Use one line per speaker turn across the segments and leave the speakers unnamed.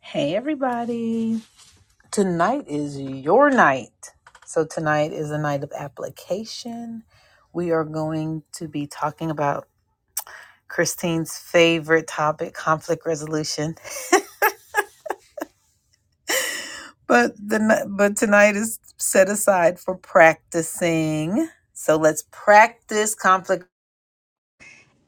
Hey, everybody. Tonight is your night. So, tonight is a night of application. We are going to be talking about Christine's favorite topic, conflict resolution. But the but tonight is set aside for practicing. So let's practice conflict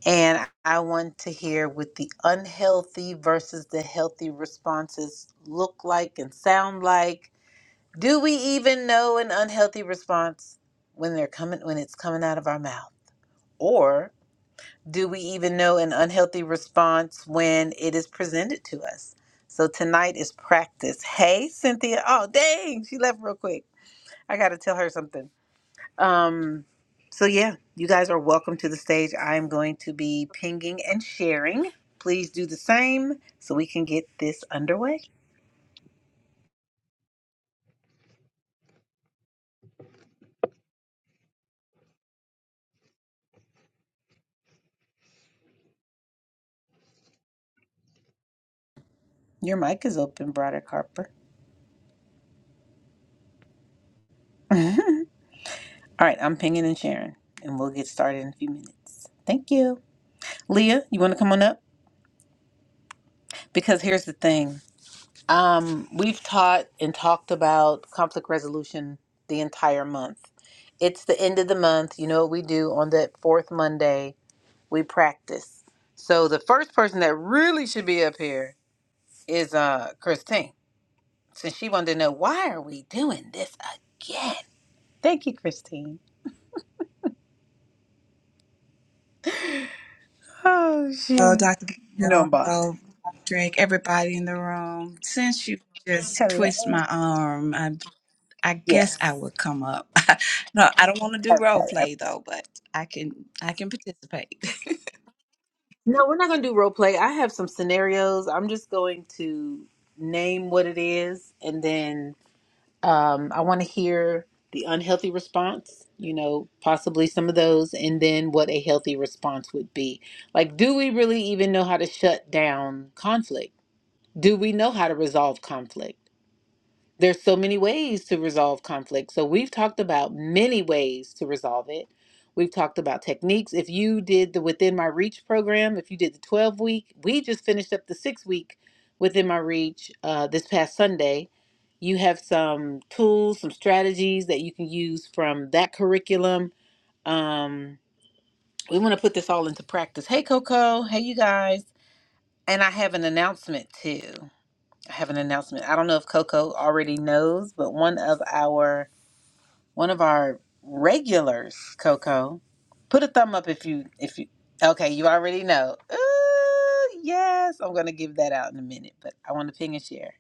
and I want to hear what the unhealthy versus the healthy responses look like and sound like Do we even know an unhealthy response when they're coming when it's coming out of our mouth? Or do we even know an unhealthy response when it is presented to us? So tonight is practice. Hey, Cynthia. Oh, dang, she left real quick. I got to tell her something. Um so yeah, you guys are welcome to the stage. I'm going to be pinging and sharing. Please do the same so we can get this underway. Your mic is open, Broderick Harper. All right, I'm pinging and sharing, and we'll get started in a few minutes. Thank you. Leah, you want to come on up? Because here's the thing um, we've taught and talked about conflict resolution the entire month. It's the end of the month. You know what we do on that fourth Monday? We practice. So the first person that really should be up here is uh, Christine, since she wanted to know why are we doing this again? Thank you, Christine. Oh,
Hello,
shoot.
Dr.
You know
Miguel.
I'm boss.
Hello, Drake. Everybody in the room. Since you just twist
Hello.
my arm, I, I guess
Yes.
I would come up. no, I don't want to do role
Okay.
play though, but I can I can participate.
No, we're not going to do role play. I have some scenarios. I'm just going to name what it is, and then um, I want to hear the unhealthy response, you know, possibly some of those, and then what a healthy response would be. Like, do we really even know how to shut down conflict? Do we know how to resolve conflict? There's so many ways to resolve conflict. So we've talked about many ways to resolve it. We've talked about techniques. If you did the Within My Reach program, if you did the 12 week, we just finished up the six week Within My Reach uh, this past Sunday. You have some tools, some strategies that you can use from that curriculum. Um, we want to put this all into practice. Hey, Coco. Hey, you guys. And I have an announcement too. I have an announcement. I don't know if Coco already knows, but one of our one of our regulars, Coco, put a thumb up if you if you okay, you already know. Ooh, yes, I'm gonna give that out in a minute, but I want to ping and share.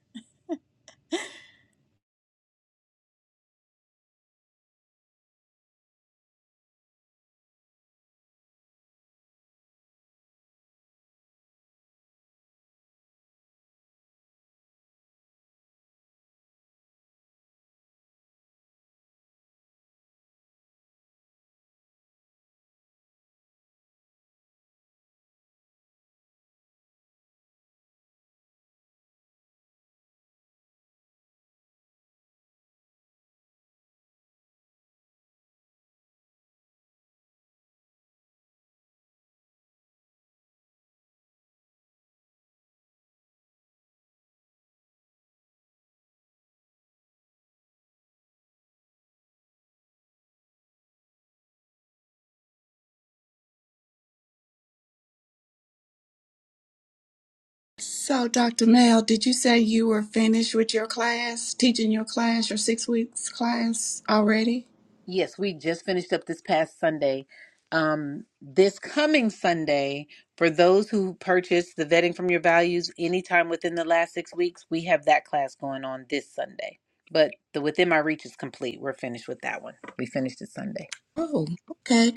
So, Dr. Mel, did you say you were finished with your class, teaching your class, your six weeks class already?
Yes, we just finished up this past Sunday. Um, this coming Sunday, for those who purchased the Vetting from Your Values anytime within the last six weeks, we have that class going on this Sunday. But the Within My Reach is complete. We're finished with that one. We finished it Sunday.
Oh, okay.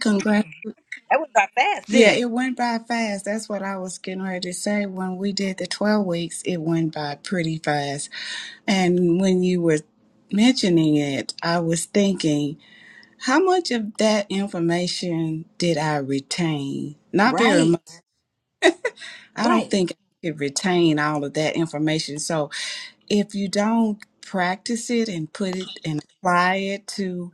That was our fast,
Yeah,
didn't it?
it went by fast. That's what I was getting ready to say. When we did the 12 weeks, it went by pretty fast. And when you were mentioning it, I was thinking, how much of that information did I retain? Not very
Right,
much. I don't
right.
think I could retain all of that information. So if you don't practice it and put it and apply it to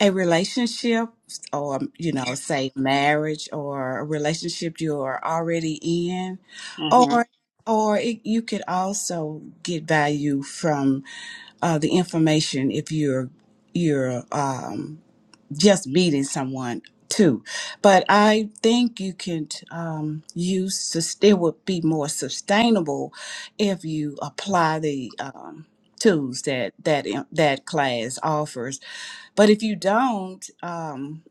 a relationship or um, you know say marriage or a relationship you're already in
hmm
or or it, you could also get value from uh, the information if you're you're um, just meeting someone too. But I think you can um, use sus- it would be more sustainable if you apply the um, tools that that uh, that class offers. But if you don't, um,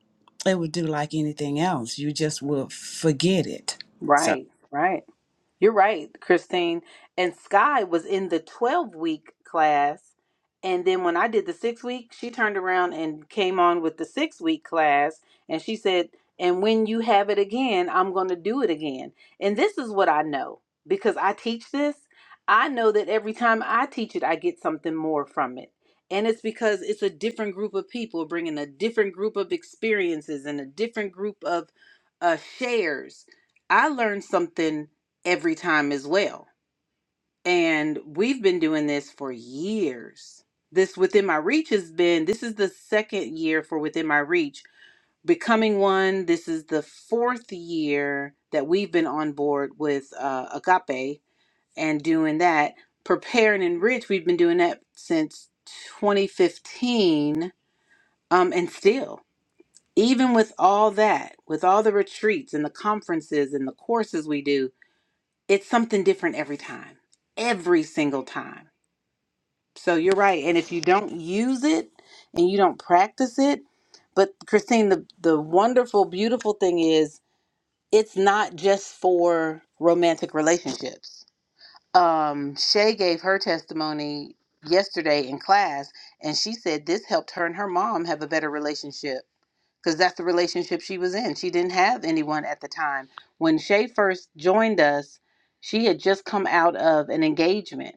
it would do like anything else. You just will forget it. So
Right, right. You're right, Christine. And Sky was in the 12 week class. And then when I did the six week, she turned around and came on with the six week class. And she said, And when you have it again, I'm going to do it again. And this is what I know because I teach this. I know that every time I teach it, I get something more from it. And it's because it's a different group of people bringing a different group of experiences and a different group of uh, shares. I learned something every time as well. And we've been doing this for years. This Within My Reach has been, this is the second year for Within My Reach. Becoming One, this is the fourth year that we've been on board with uh, Agape and doing that. Prepare and Enrich, we've been doing that since 2015. Um, and still, even with all that, with all the retreats and the conferences and the courses we do, it's something different every time, every single time. So you're right. And if you don't use it and you don't practice it, but Christine, the, the wonderful, beautiful thing is it's not just for romantic relationships. Um, Shay gave her testimony yesterday in class, and she said this helped her and her mom have a better relationship because that's the relationship she was in. She didn't have anyone at the time. When Shay first joined us, she had just come out of an engagement.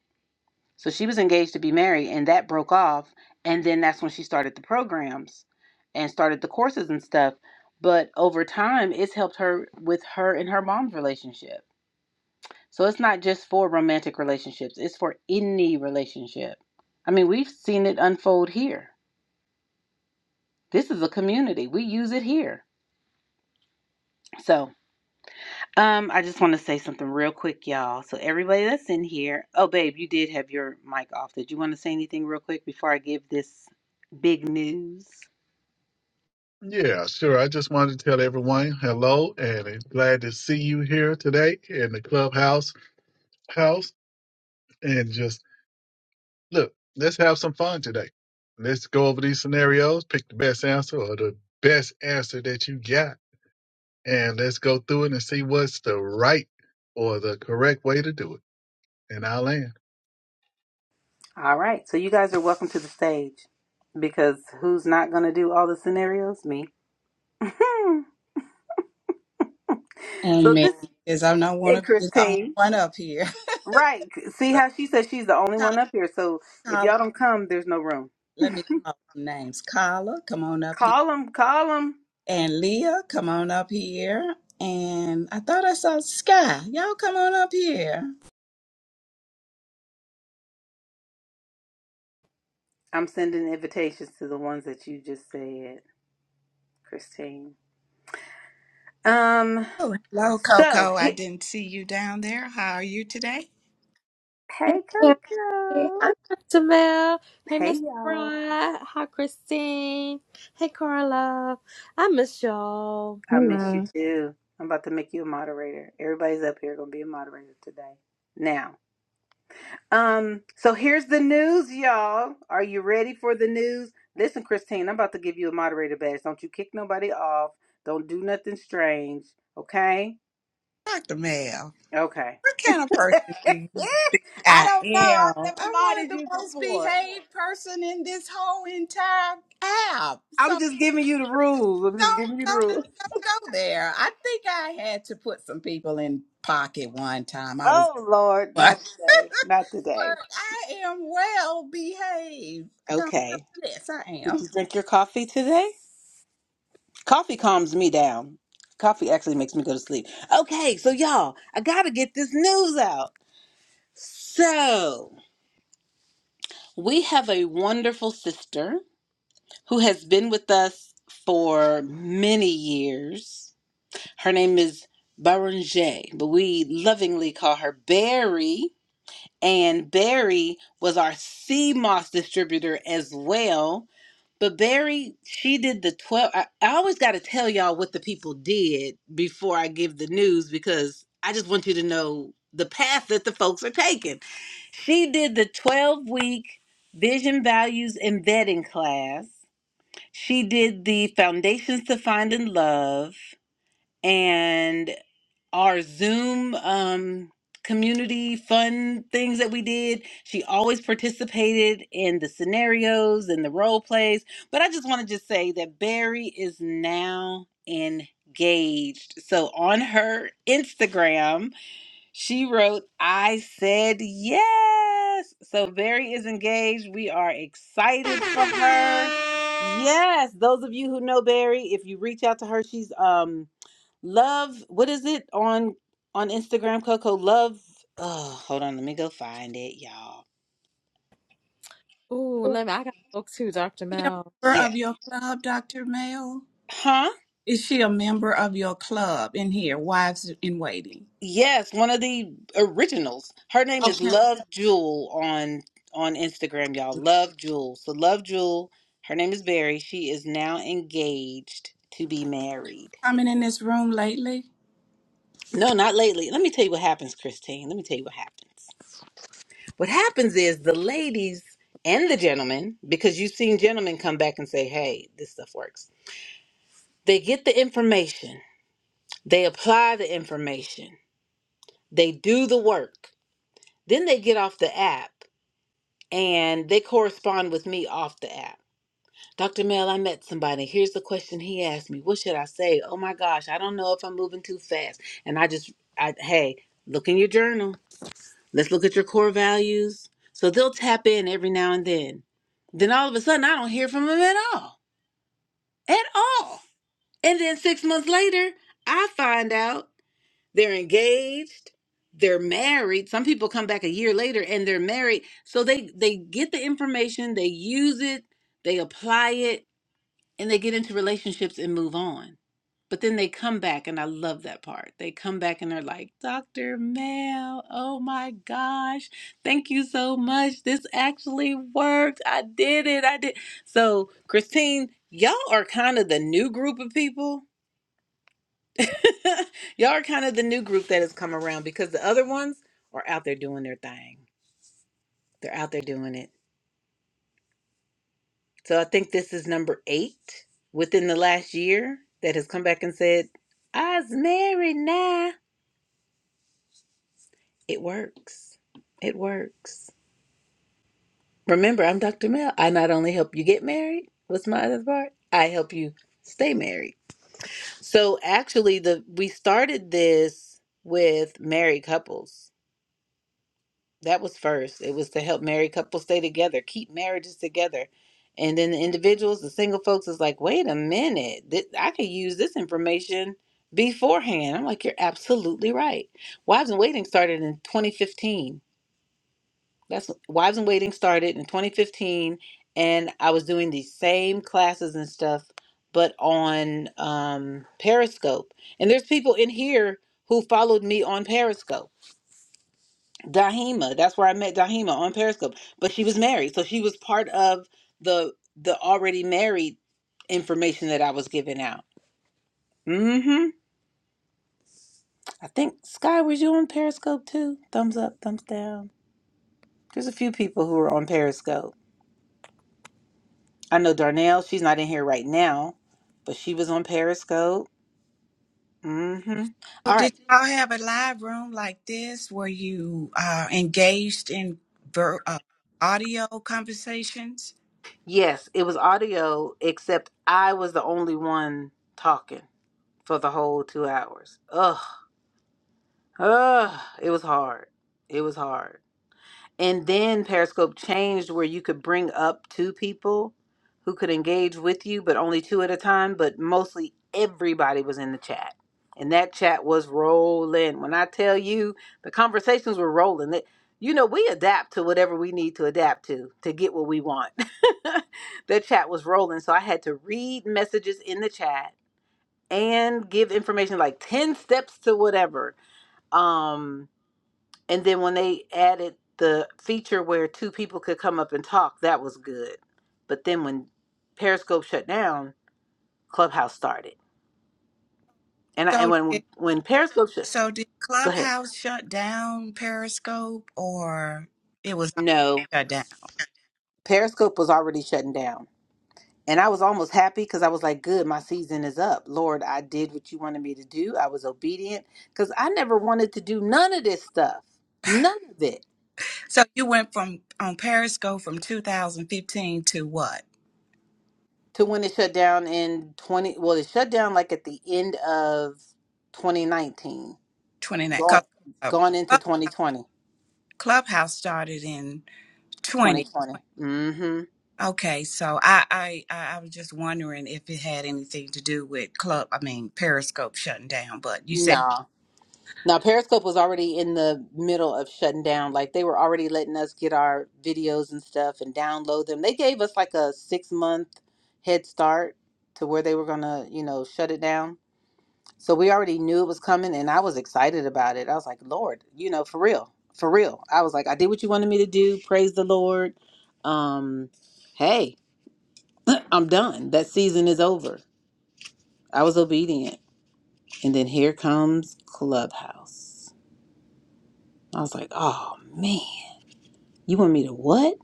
So she was engaged to be married, and that broke off. And then that's when she started the programs and started the courses and stuff. But over time, it's helped her with her and her mom's relationship. So it's not just for romantic relationships, it's for any relationship. I mean, we've seen it unfold here. This is a community, we use it here. So, Um, I just want to say something real quick, y'all. So everybody that's in here, oh babe, you did have your mic off. Did you want to say anything real quick before I give this big news?
Yeah, sure. I just wanted to tell everyone hello and it's glad to see you here today in the clubhouse house. And just look, let's have some fun today. Let's go over these scenarios, pick the best answer or the best answer that you got, and let's go through it and see what's the right or the correct way to do it. in our land.
All right. So you guys are welcome to the stage because who's not going to do all the scenarios? Me.
on
so
me
this
because I'm not want to
and
be the only
Christine.
one up here.
Right. See
So
how she says she's the only
Carla,
one up here. So if
Carla,
y'all don't come, there's no room.
let me call some names. Carla, come on up
Call them, call them.
And Leah, come on up here. And I thought I saw Sky. Y'all come on up here.
I'm sending invitations to the ones that you just said, Christine. Um
Oh, hello,
So,
Coco. I
he-
didn't see you down there. How are you today?
hey,
Hey,
Coco.
Hi, Dr. Mel. Hey,
Hey,
Miss
y'all.
Bride. Hi, Christine. Hey, Carla. I miss y'all.
I miss you
Hello.
too. I'm about to make you a moderator. Everybody's up here gonna be a moderator today. Now, um, so here's the news, y'all. Are you ready for the news? Listen, Christine, I'm about to give you a moderator badge. Don't you kick nobody off. Don't do nothing strange. Okay?
Dr. Mel,
Okay.
what kind of person do you think
I
I
don't know.
am?
I've
I'm
never
one of
modded
the
you
most
before.
behaved person in this whole entire app.
I'm
So
just giving you the rules. I'm just
don't
giving you the
don't
rules.
don't go there. I think I had to put some people in pocket one time. I was
Oh Lord,
but
not today. Not today.
I am well behaved. Don't-
Okay.
Yes, I
Did
am.
you drink your coffee today? Coffee calms me down. Coffee actually makes me go to sleep. Okay, so y'all, I gotta get this news out. So we have a wonderful sister who has been with us for many years. Her name is Barangay, but we lovingly call her Barry. and Barry was our Sea Moss distributor as well. But Barry, she did the 12. I, I always got to tell y'all what the people did before I give the news because I just want you to know the path that the folks are taking. She did the 12 week vision, values, and vetting class. She did the foundations to finding love and our Zoom um, community fun things that we did. She always participated in the scenarios and the role plays. But I just want to just say that Barry is now engaged. So on her Instagram, she wrote, I said yes. So Barry is engaged. We are excited for her. Yes, those of you who know Barry, if you reach out to her, she's um Love, what is it on on Instagram, Coco? Love. Oh, hold on, let me go find it, y'all.
Ooh, let me. I got a book too, Dr.
She a
Mel.
member
Yeah.
of your club, Dr. Mel?
Huh?
Is she a member of your club in here, Wives in Waiting?
Yes, one of the originals. Her name is
Okay.
Love Jewel on on Instagram, y'all. Love Jewel. So Love Jewel, her name is Barry. She is now engaged to be married.
Coming in this room lately?
No, not lately. Let me tell you what happens, Christine. Let me tell you what happened. What happens is the ladies and the gentlemen, because you've seen gentlemen come back and say, "Hey, this stuff works." They get the information, they apply the information, they do the work. Then they get off the app and they correspond with me off the app. Dr. Mel, I met somebody. Here's the question he asked me. What should I say? Oh my gosh, I don't know if I'm moving too fast. And I just, I, hey, look in your journal. Let's look at your core values. So they'll tap in every now and then. Then all of a sudden, I don't hear from them at all. At all. And then six months later, I find out. They're engaged, they're married. Some people come back a year later and they're married. So they they get the information, they use it, they apply it, and they get into relationships and move on. But then they come back, and I love that part. They come back and they're like, Dr. Mel, oh my gosh, thank you so much. This actually worked. I did it. I did. So, Christine, y'all are kind of the new group of people Y'all are kind of the new group that has come around because the other ones are out there doing their thing. They're out there doing it. So I think this is number eight within the last year that has come back and said, I's married now. It works. It works. Remember, I'm Dr. Mel. I not only help you get married, what's my other part? I help you stay married. So actually the we started this with married couples That was first. It was to help married couples stay together, keep marriages together. And then the individuals, the single folks, is like, wait a minute, th- I could use this information beforehand. I'm like, you're absolutely right. Wives in Waiting started in 2015. That's Wives in Waiting started in 2015, and I was doing these same classes and stuff, but on um, Periscope. And there's people in here who followed me on Periscope Dahima. That's where I met Dahima on Periscope. But she was married, so she was part of the the already married information that I was giving out. Mm-hmm. I think Sky, was you on Periscope too? Thumbs up, thumbs down. There's a few people who are on Periscope. I know Darnell. She's not in here right now, but she was on Periscope. Mm-hmm.
So
All right.
did y'all have a live room like this where you uh, engaged in ver- uh, audio conversations?
Yes, it was audio, except I was the only one talking for the whole two hours. Ugh. Ugh, it was hard. It was hard. And then Periscope changed where you could bring up two people who could engage with you, but only two at a time. But mostly everybody was in the chat. And that chat was rolling. When I tell you, the conversations were rolling. It, you know, we adapt to whatever we need to adapt to to get what we want. the chat was rolling. So I had to read messages in the chat and give information like 10 steps to whatever. Um, and then when they added the feature where two people could come up and talk, that was good. But then when Periscope shut down, Clubhouse started. And I, and
So
when
did,
when Periscope shut,
so did
go ahead.
Clubhouse shut down Periscope or it was already
No,
shut down?
Periscope was already shutting down. And I was almost happy because I was like, good, my season is up. Lord, I did what you wanted me to do. I was obedient because I never wanted to do none of this stuff. None of it.
So you went from on Periscope from 2015 to what?
To when it shut down in 20, well, it shut down like at the end of 2019
29. 'Cause,
Going
uh,
going into
Club-
2020.
Clubhouse started in 20.
2020. Mm-hmm.
Okay, so I, I I I was just wondering if it had anything to do with Club. I mean Periscope shutting down, but you said
Nah. Now Periscope was already in the middle of shutting down. Like they were already letting us get our videos and stuff and download them. They gave us like a six month head start to where they were gonna, you know, shut it down. So we already knew it was coming and I was excited about it. I was like, Lord, you know, for real. For real. I was like, I did what you wanted me to do. Praise the Lord. Um, hey, I'm done. That season is over. I was obedient. And then here comes Clubhouse. I was like, oh man, you want me to what?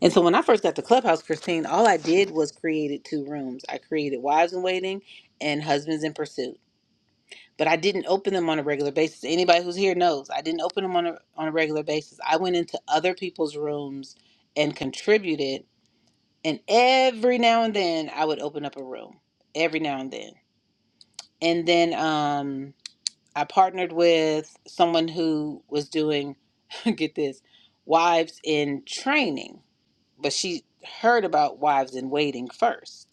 And so when I first got to Clubhouse, Christine, all I did was created two rooms. I created Wives in Waiting and Husbands in Pursuit. But I didn't open them on a regular basis. Anybody who's here knows I didn't open them on a, on a regular basis. I went into other people's rooms and contributed. And every now and then I would open up a room. Every now and then. And then um, I partnered with someone who was doing, get this, wives in training, but she heard about wives in waiting first.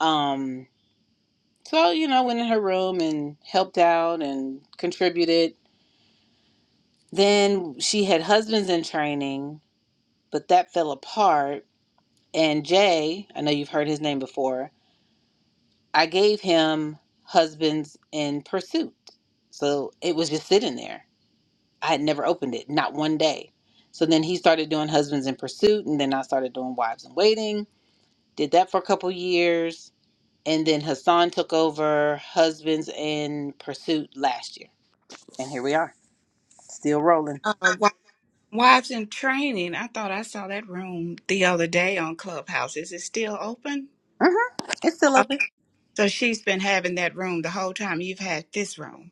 Um, so, you know, went in her room and helped out and contributed. Then she had husbands in training, but that fell apart. And Jay, I know you've heard his name before, I gave him husbands in pursuit. So it was just sitting there I had never opened it, not one day. So then he started doing Husbands in Pursuit, and then I started doing Wives in Waiting. Did that for a couple years, and then Hassan took over Husbands in Pursuit last year, and here we are, still rolling.
uh, wi- wives in training. I thought I saw that room the other day on Clubhouse. Is it still open?
hmm It's still
Oh,
open.
so she's been having that room the whole time you've had this room.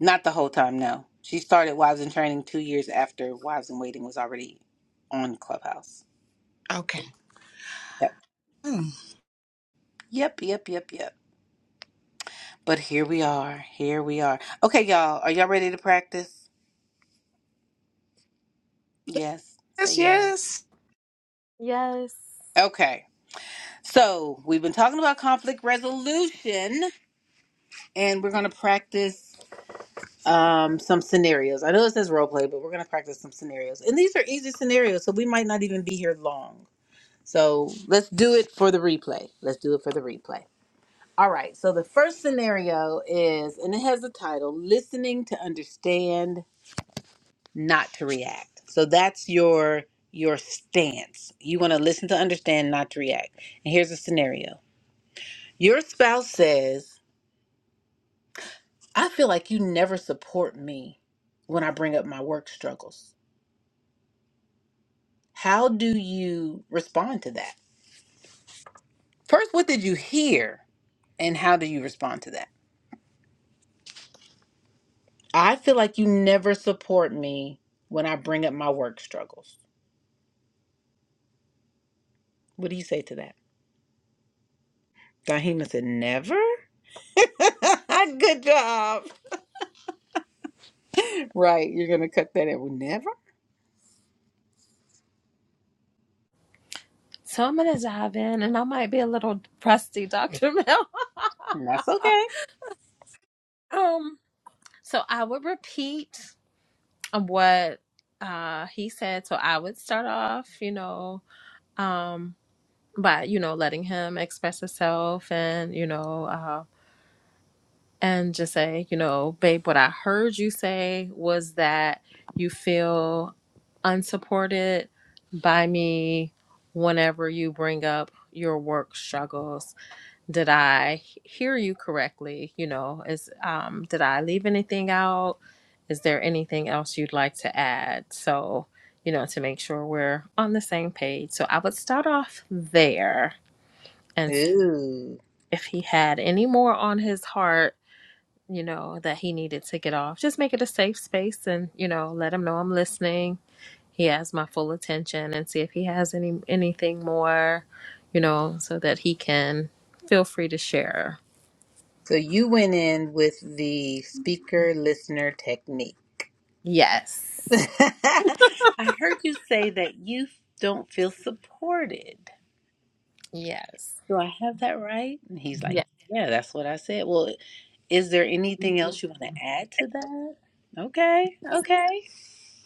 Not the whole time, no. She started Wives in Training two years after Wives in Waiting was already on Clubhouse.
Okay. Hmm.
Yep, yep, yep, yep. yep. But here we are. Here we are. Okay, y'all. Are y'all ready to practice? Yes. Say
Yes,
yes.
yes.
Yes.
Okay. So we've been talking about conflict resolution and we're going to practice um, some scenarios. I know it says role play, but we're going to practice some scenarios. And these are easy scenarios, so we might not even be here long. So let's do it for the replay. Let's do it for the replay. All right. So the first scenario is, and it has the title listening to understand, not to react. So that's your your stance. You want to listen to understand, not to react. And here's a scenario. Your spouse says, I feel like you never support me when I bring up my work struggles. How do you respond to that? First, what did you hear and how do you respond to that? I feel like you never support me when I bring up my work struggles. What do you say to that? Dahima said, Never? Good job. Right, you're going to cut that in. with Never?
So I'm gonna dive in, and I might be a little crusty, Dr. Mel.
And that's okay.
Um. So I would repeat um, what uh he said. So I would start off, you know, um, by you know letting him express himself, and you know, um. and just say, you know, babe, what I heard you say was that you feel unsupported by me whenever you bring up your work struggles. Did I h- hear you correctly? You know, is um did I leave anything out? Is there anything else you'd like to add? So, you know, to make sure we're on the same page. So I would start off there and see
Ooh.
if he had any more on his heart you know, that he needed to get off. Just make it a safe space and, you know, let him know I'm listening. He has my full attention and see if he has any anything more, you know, so that he can feel free to share.
So you went in with the speaker listener technique.
Yes.
I heard you say that you don't feel supported.
Yes.
Do I have that right? And he's like,
Yeah.
Yeah, that's what I said. Well, is there anything else you want to add to that? Okay, okay.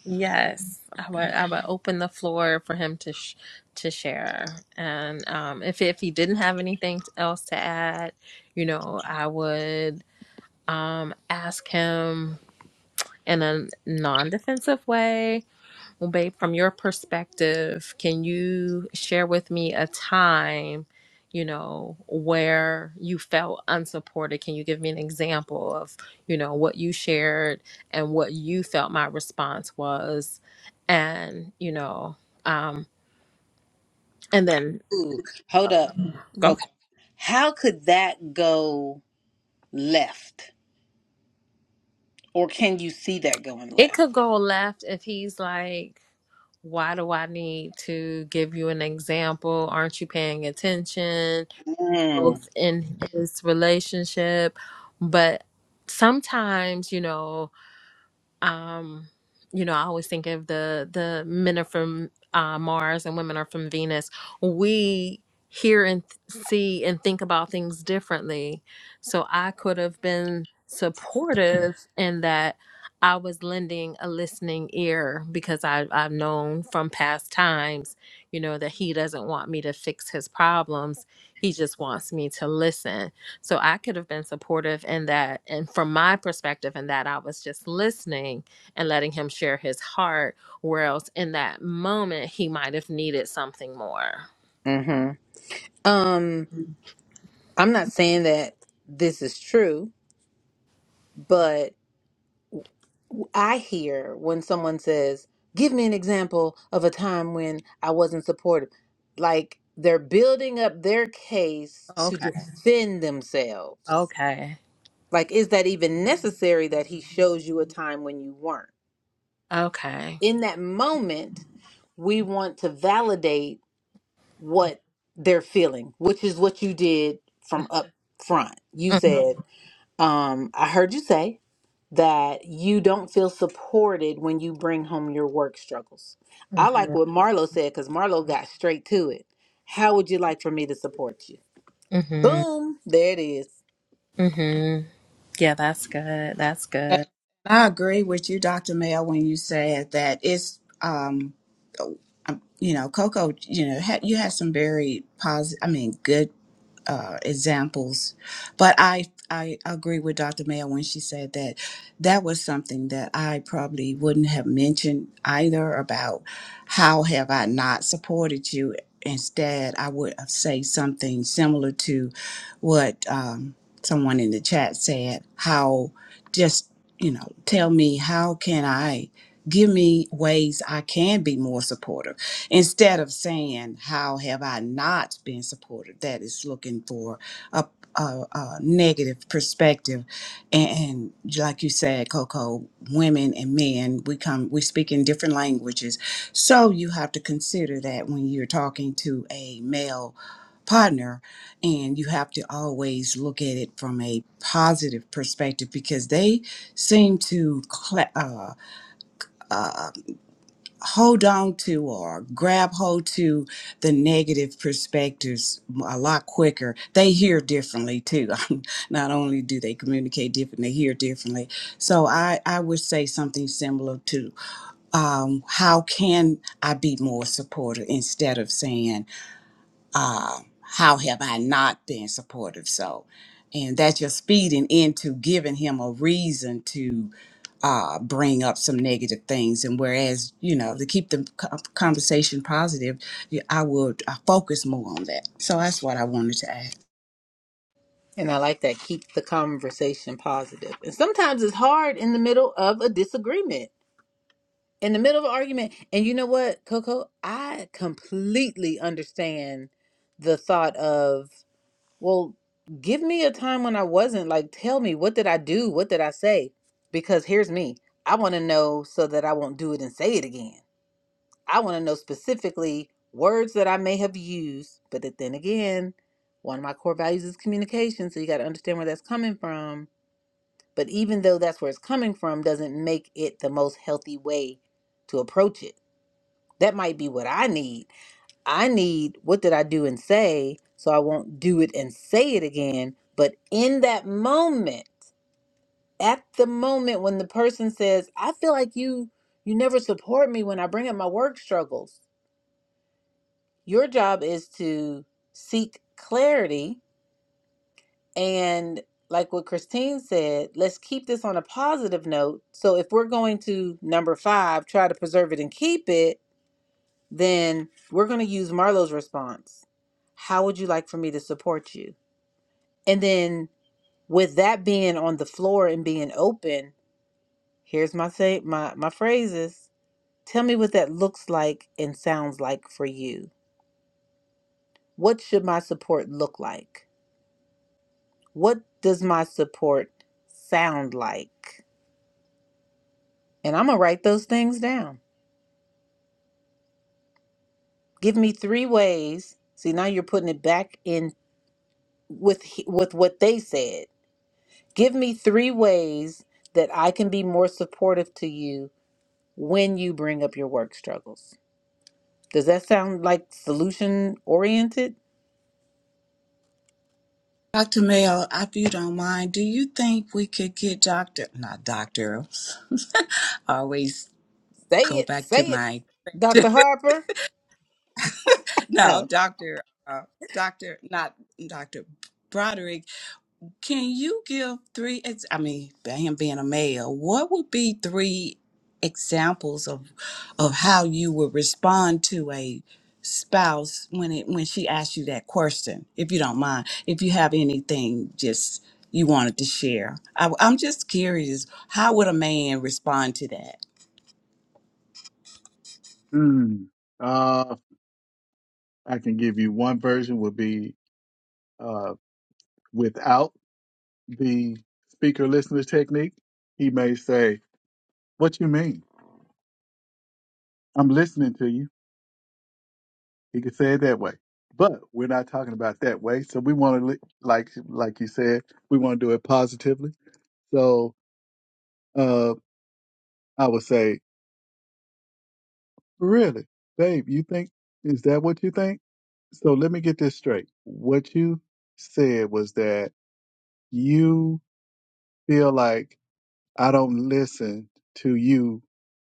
Yes. I would I would open the floor for him to sh- to share. And um if if he didn't have anything else to add, you know, I would um ask him in a non-defensive way Well, babe, from your perspective, can you share with me a time, you know, where you felt unsupported? Can you give me an example of, you know, what you shared and what you felt my response was? And, you know, um, and then
Ooh, hold up.
go.
Coco. How could that go left? Or can you see that going
It could
left?
go left if he's like, why do I need to give you an example? Aren't you paying attention?
Mm.
growth in this relationship. But sometimes, you know, um you know i always think of the the men are from uh, mars and women are from venus we hear and th- see and think about things differently so i could have been supportive in that i was lending a listening ear because I, i've known from past times you know that he doesn't want me to fix his problems he just wants me to listen so I could have been supportive in that, and from my perspective, in that I was just listening and letting him share his heart, where else in that moment he might have needed something more.
hmm Um, I'm not saying that this is true, but. I hear when someone says, Give me an example of a time when I wasn't supportive. Like they're building up their case to
Okay.
defend themselves.
Okay.
Like, is that even necessary that he shows you a time when you weren't?
Okay.
In that moment, we want to validate what they're feeling, which is what you did from up front. You
hmm
said, um, I heard you say, that you don't feel supported when you bring home your work struggles. I like what Marlo said because Marlo got straight to it. How would you like for me to support you?
hmm
Boom, there it is.
hmm Yeah, that's good. That's
And
good.
I agree with you, Dr. Mayo, when you said that it's, um, oh, um, you know, Coco, you know, had, you had some very positive, I mean, good uh, examples. But I I agree with Dr. Mayo when she said that that was something that I probably wouldn't have mentioned either about how have I not supported you. Instead, I would have say something similar to what um, someone in the chat said. How just you know tell me how can I give me ways I can be more supportive instead of saying how have i not been supported that is looking for a, a, a negative perspective and, and like you said coco women and men we come we speak in different languages so you have to consider that when you're talking to a male partner and you have to always look at it from a positive perspective because they seem to cla uh, uh, hold on to or grab hold to the negative perspectives a lot quicker. They hear differently too. Not only do they communicate different, they hear differently. So I, I would say something similar to um, how can I be more supportive instead of saying, um, how have I not been supportive? So, and that's just feeding into giving him a reason to uh, bring up some negative things. And whereas, you know, to keep the co- conversation positive, you- I would uh focus more on that. So that's what I wanted to add.
And I like that. Keep the conversation positive. And sometimes it's hard in the middle of a disagreement, in the middle of an argument. And you know what, Coco? I completely understand the thought of Well, give me a time when I wasn't. Like, tell me, what did I do? What did I say? Because here's me. I want to know so that I won't do it and say it again. I want to know specifically words that I may have used. But that then again, one of my core values is communication. So you got to understand where that's coming from. But even though that's where it's coming from, doesn't make it the most healthy way to approach it. That might be what I need I need what did I do and say so I won't do it and say it again. But in that moment, at the moment when the person says, I feel like you you never support me when I bring up my work struggles. Your job is to seek clarity and like what Christine said, let's keep this on a positive note. So if we're going to number 5, try to preserve it and keep it, then we're going to use Marlo's response. How would you like for me to support you? And then with that being on the floor and being open, here's my say my my phrases. Tell me what that looks like and sounds like for you. What should my support look like? What does my support sound like? And I'm gonna write those things down. Give me three ways. See, now you're putting it back in with he- with what they said. Give me three ways that I can be more supportive to you when you bring up your work struggles Does that sound like solution oriented?
Dr. Mel, if you don't mind, do you think we could get Dr. Not Dr. always
Say
go
it,
back to
say it,
my
Dr. Harper.
no,
Oh,
Dr. Uh, Dr. Not Dr. Broderick. Can you give three? Ex- I mean, him being a male, what would be three examples of of how you would respond to a spouse when it when she asks you that question? If you don't mind, if you have anything, just you wanted to share. I, I'm just curious, how would a man respond to that?
Hmm. Uh, I can give you one version would be uh, without the speaker listener technique. He may say, "What you mean? I'm listening to you." He could say it that way, but we're not talking about that way. So we want to, like, like you said, we want to do it positively. So uh, I would say Really? Babe, you think, is that what you think? So let me get this straight. What you said was that you feel like I don't listen to you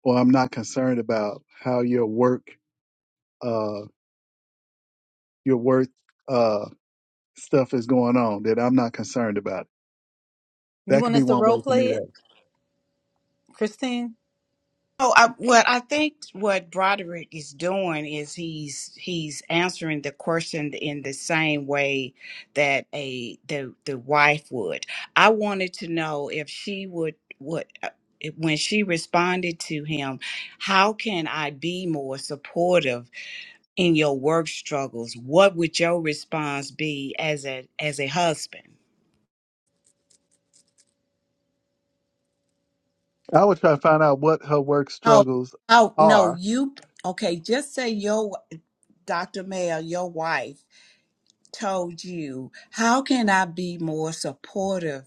or I'm not concerned about how your work, uh, your work, uh, stuff is going on, that I'm not concerned about it.
you
That could
want
be
us to
one
role
way for
play
me
it, Christine?
Oh, I,
Mm.
what I think what Broderick is doing is he's he's answering the question in the same way that a the the wife would. I wanted to know if she would would uh, when she responded to him, how can I be more supportive in your work struggles? What would your response be as a as a husband?
I would try to find out what her work
Oh,
struggles
oh no,
are.
you okay? Just say your Dr. Mel, your wife. told you, How can I be more supportive,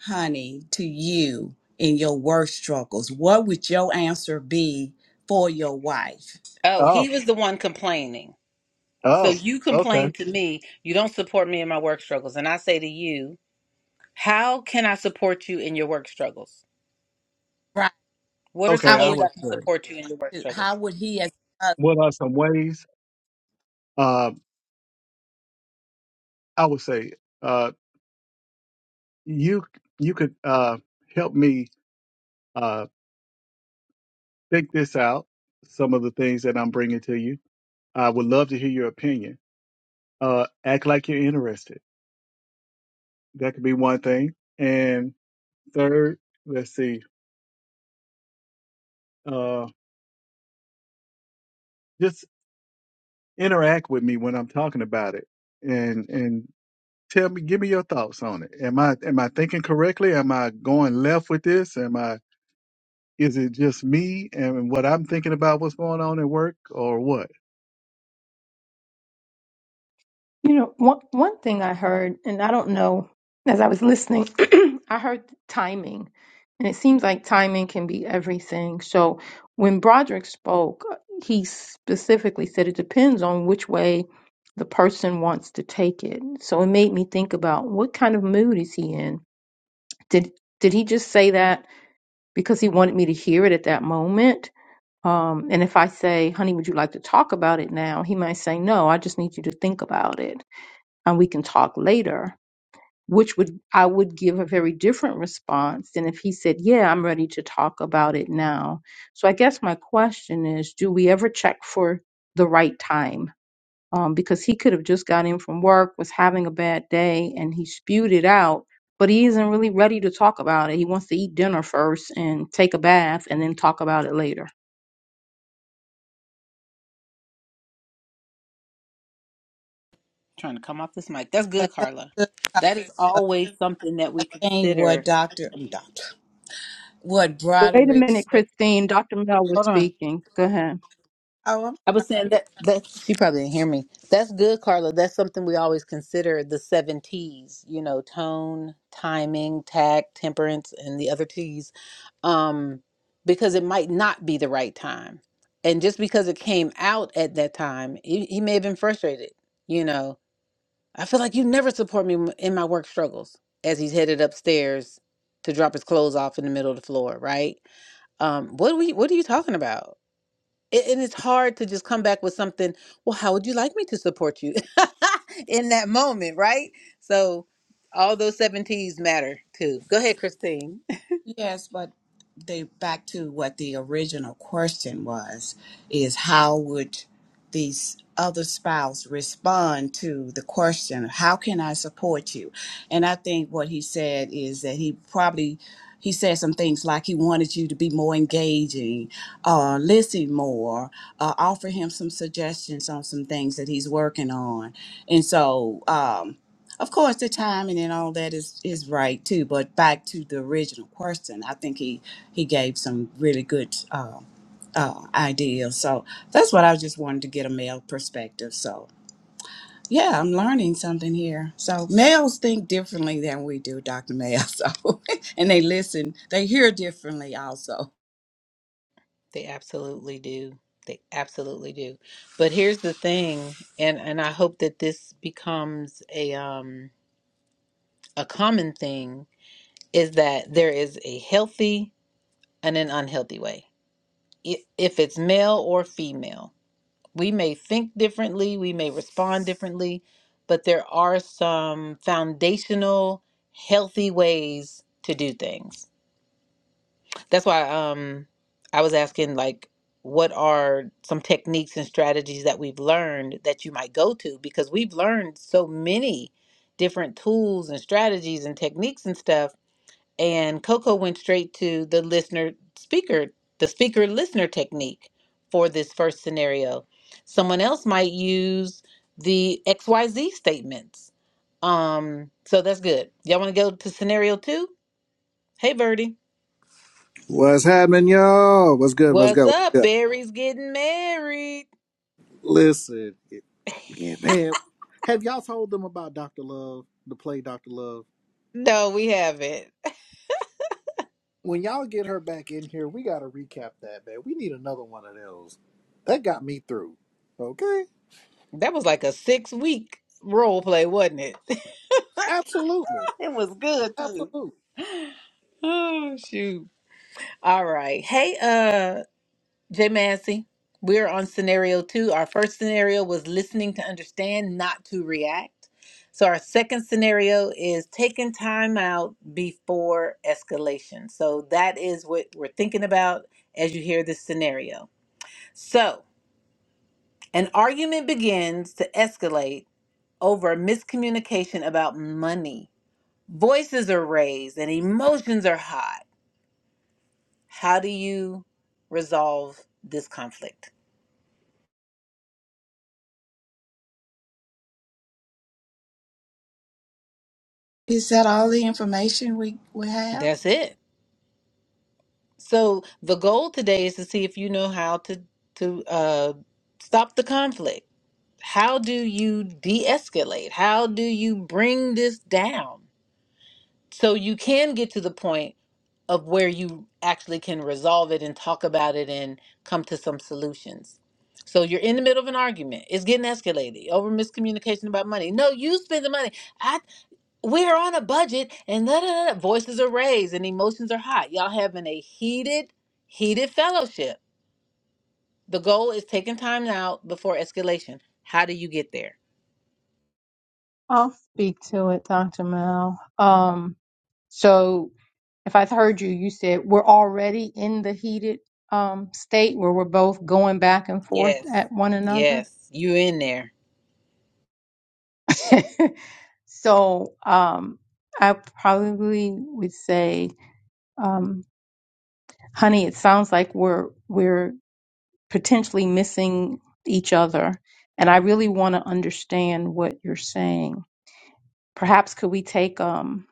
honey, to you in your work struggles? What would your answer be for your wife?
Oh,
Oh,
he was the one complaining. So
oh,
you
okay,
complain to me, you don't support me in my work struggles. And I say to you, how can I support you in your work struggles?
Right.
What are
okay.
some
How
I
ways
would
would
I can
say
support you in your work
he,
struggles?
how would he as a husband
what are some ways? Um, I would say uh, you you could uh, help me uh, think this out. Some of the things that I'm bringing to you. I would love to hear your opinion. Uh, act like you're interested. That could be one thing. And third, let's see, uh, just interact with me when I'm talking about it, and and tell me, give me your thoughts on it. Am I am I thinking correctly? Am I going left with this? Am I is it just me and what I'm thinking about what's going on at work or what?
You know, one one thing I heard, and I don't know, as I was listening, I heard timing, and it seems like timing can be everything. So when Broderick spoke, he specifically said it depends on which way the person wants to take it. So it made me think about what kind of mood is he in? Did did he just say that because he wanted me to hear it at that moment? Um, and if I say, "Honey, would you like to talk about it now?" He might say, "No, I just need you to think about it." and we can talk later which would i would give a very different response than if he said yeah i'm ready to talk about it now so i guess my question is do we ever check for the right time um, because he could have just got in from work was having a bad day and he spewed it out but he isn't really ready to talk about it he wants to eat dinner first and take a bath and then talk about it later
trying to come off this mic. That's
Yes,
good,
that's
Carla.
good, uh,
That is always something that we
and what
consider.
Dr. um, Dr. what
Wait a
Broderick
minute,
said.
Christine. Dr. Mel was
Hold on.
speaking. Go ahead.
I was saying that that she probably didn't hear me. That's good, Carla. That's something we always consider the seven T's. You know, tone, timing, tact, temperance, and the other T's. Um, because it might not be the right time, and just because it came out at that time, he, he may have been frustrated. You know, I feel like you never support me m- in my work struggles. As he's headed upstairs to drop his clothes off in the middle of the floor, right? Um, what are we? What are you talking about? it, and it's hard to just come back with something well how would you like me to support you in that moment right so all those seven t's matter too go ahead christine
Yes, but they back to what the original question was is how would these other spouse respond to the question, how can I support you? And I think what he said is that he probably he said some things like he wanted you to be more engaging, uh, listen more, uh, offer him some suggestions on some things that he's working on. And so, um, of course, the timing and all that is is right too. But back to the original question, I think he he gave some really good uh, uh, ideas. So that's what I just wanted to get a male perspective. So yeah, I'm learning something here. So males think differently than we do, Doctor Male. So and they listen, they hear differently also.
they absolutely do they absolutely do but here's the thing and and i hope that this becomes a um a common thing is that there is a healthy and an unhealthy way I- if it's male or female We may think differently, we may respond differently, but there are some foundational, healthy ways to do things. That's why um, I was asking, like, what are some techniques and strategies that we've learned that you might go to? Because we've learned so many different tools and strategies and techniques and stuff and Coco went straight to the listener speaker, the speaker listener technique for this first scenario. Someone else might use the XYZ statements. Um, so that's good. Y'all want to go to scenario two? Hey, Birdie.
What's happening, y'all? What's good? What's
What's
good? What's
up?
good?
Barry's getting married.
Listen, yeah, man, have y'all told them about Dr. Love, the play Dr. Love?
No, we haven't.
When y'all get her back in here, we got to recap that, man. We need another one of those. That got me through. Okay?
That was like a six week role play, wasn't it?
Absolutely.
It was good too.
Absolutely.
oh, shoot. All right. Hey, uh, Jay Massey, we're on scenario two. Our first scenario was listening to understand, not to react. So our second scenario is taking time out before escalation. So that is what we're thinking about as you hear this scenario. So an argument begins to escalate over miscommunication about money. Voices are raised and emotions are hot. How do you resolve this conflict?
Is that all the information we we have?
That's it. So the goal today is to see if you know how to to uh, stop the conflict. How do you de-escalate? How do you bring this down so you can get to the point of where you actually can resolve it and talk about it and come to some solutions. So you're in the middle of an argument. It's getting escalated over miscommunication about money. No, you spend the money we're on a budget and da, da, da, da. voices are raised and emotions are hot y'all having a heated heated fellowship the goal is taking time out before escalation how do you get there
I'll speak to it, Dr. Mel. Um, so if I heard you, you said we're already in the heated um, state where we're both going back and forth
yes
at one another.
yes you in there
so um, I probably would say, um, honey, it sounds like we're we're potentially missing each other, and I really want to understand what you're saying. perhaps could we take um,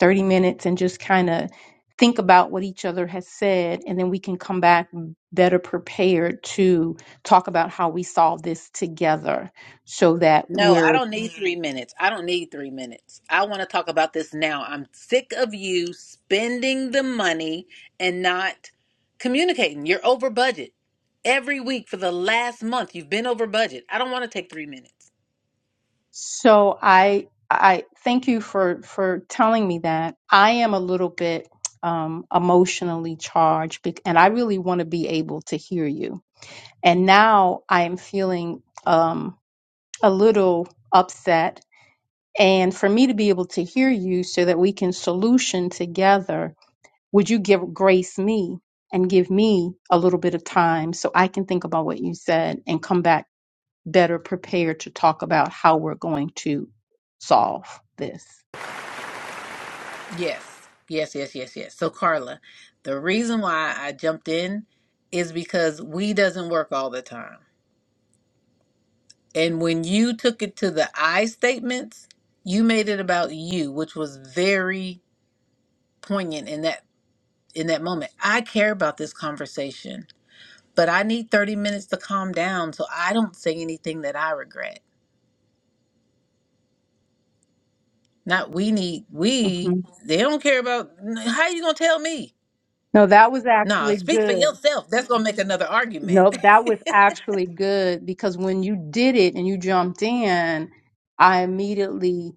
30 minutes and just kind of think about what each other has said and then we can come back better prepared to talk about how we solve this together so that
no i
we're
don't need three minutes i don't need three minutes i want to talk about this now i'm sick of you spending the money and not communicating you're over budget every week for the last month you've been over budget i don't want to take three minutes
so i i thank you for for telling me that i am a little bit um, emotionally charged bec- and i really want to be able to hear you and now i am feeling um, a little upset and for me to be able to hear you so that we can solution together would you give grace me and give me a little bit of time so i can think about what you said and come back better prepared to talk about how we're going to solve this
Yes, yes, yes, yes, yes. So Carla, the reason why I jumped in is because we doesn't work all the time. And when you took it to the I statements, you made it about you, which was very poignant in that in that moment. I care about this conversation, but I need 30 minutes to calm down so I don't say anything that I regret. Not we need we
hmm
they don't care about how you gonna tell me?
no that was
No,
actually
speak for
good
yourself. That's gonna make another argument.
nope that was actually good because when you did it and you jumped in i immediately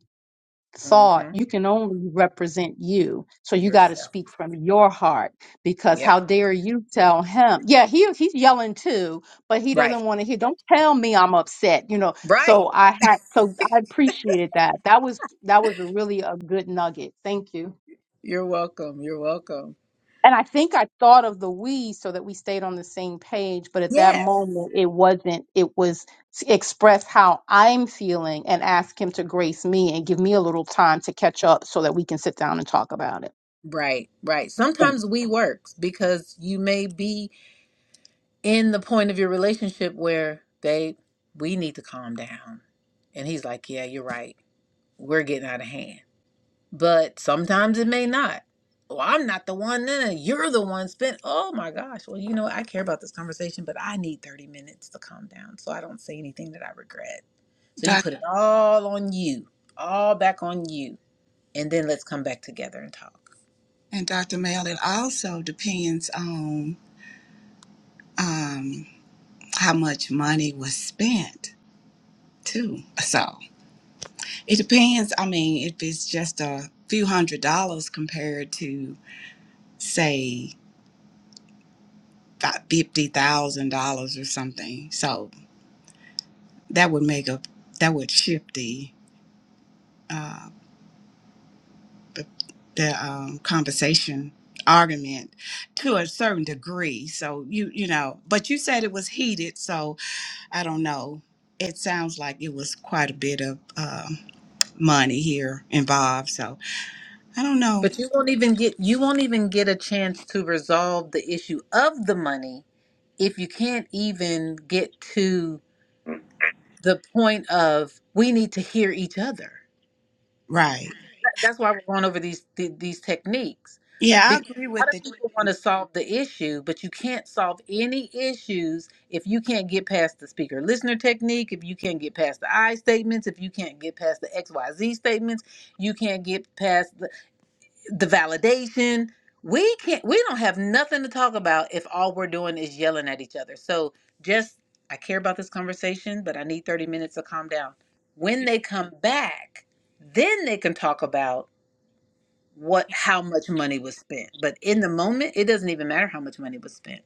thought
hmm
you can only represent you so you got to
yourself.
speak from your heart because
Yep.
how dare you tell him yeah he he's yelling too but he
Right.
doesn't want to hear don't tell me i'm upset you know
Right.
so i had so i appreciated that that was that was really a good nugget thank you
You're welcome. You're welcome.
and I think I thought of the we so that we stayed on the same page, but at that
Yes.
moment it wasn't. It was to express how I'm feeling and ask him to grace me and give me a little time to catch up so that we can sit down and talk about it.
Right. Right.
Thanks.
Sometimes we works because you may be in the point of your relationship where, babe, we need to calm down. And he's like, yeah, you're right. We're getting out of hand. But sometimes it may not. Well, I'm not the one. No, no, you're the one spent. Oh my gosh. Well, you know, what? I care about this conversation, but I need 30 minutes to calm down so I don't say anything that I regret So you
Doc
put it all on you, all back on you, and then let's come back together and talk.
and Doctor Male. It also depends on. Um, how much money was spent too. So it depends. I mean, if it's just a few hundred dollars compared to say fifty thousand dollars or something, so that would make a that would shift the uh, the, the um, conversation argument to a certain degree. So you you know, but you said it was heated, so I don't know. It sounds like it was quite a bit of um, money here involved. So I don't know.
But you won't even get you won't even get a chance to resolve the issue of the money if you can't even get to the point of we need to hear each other.
Right.
that's why we're going over these th- these techniques
Yeah, I
because
agree
a lot
with
of
the
people want to solve the issue but you can't solve any issues if you can't get past the speaker listener technique if you can't get past the i statements if you can't get past the xyz statements you can't get past the, the validation we can't we don't have nothing to talk about if all we're doing is yelling at each other so just i care about this conversation but i need 30 minutes to calm down when they come back then they can talk about what how much money was spent. But in the moment, it doesn't even matter how much money was spent.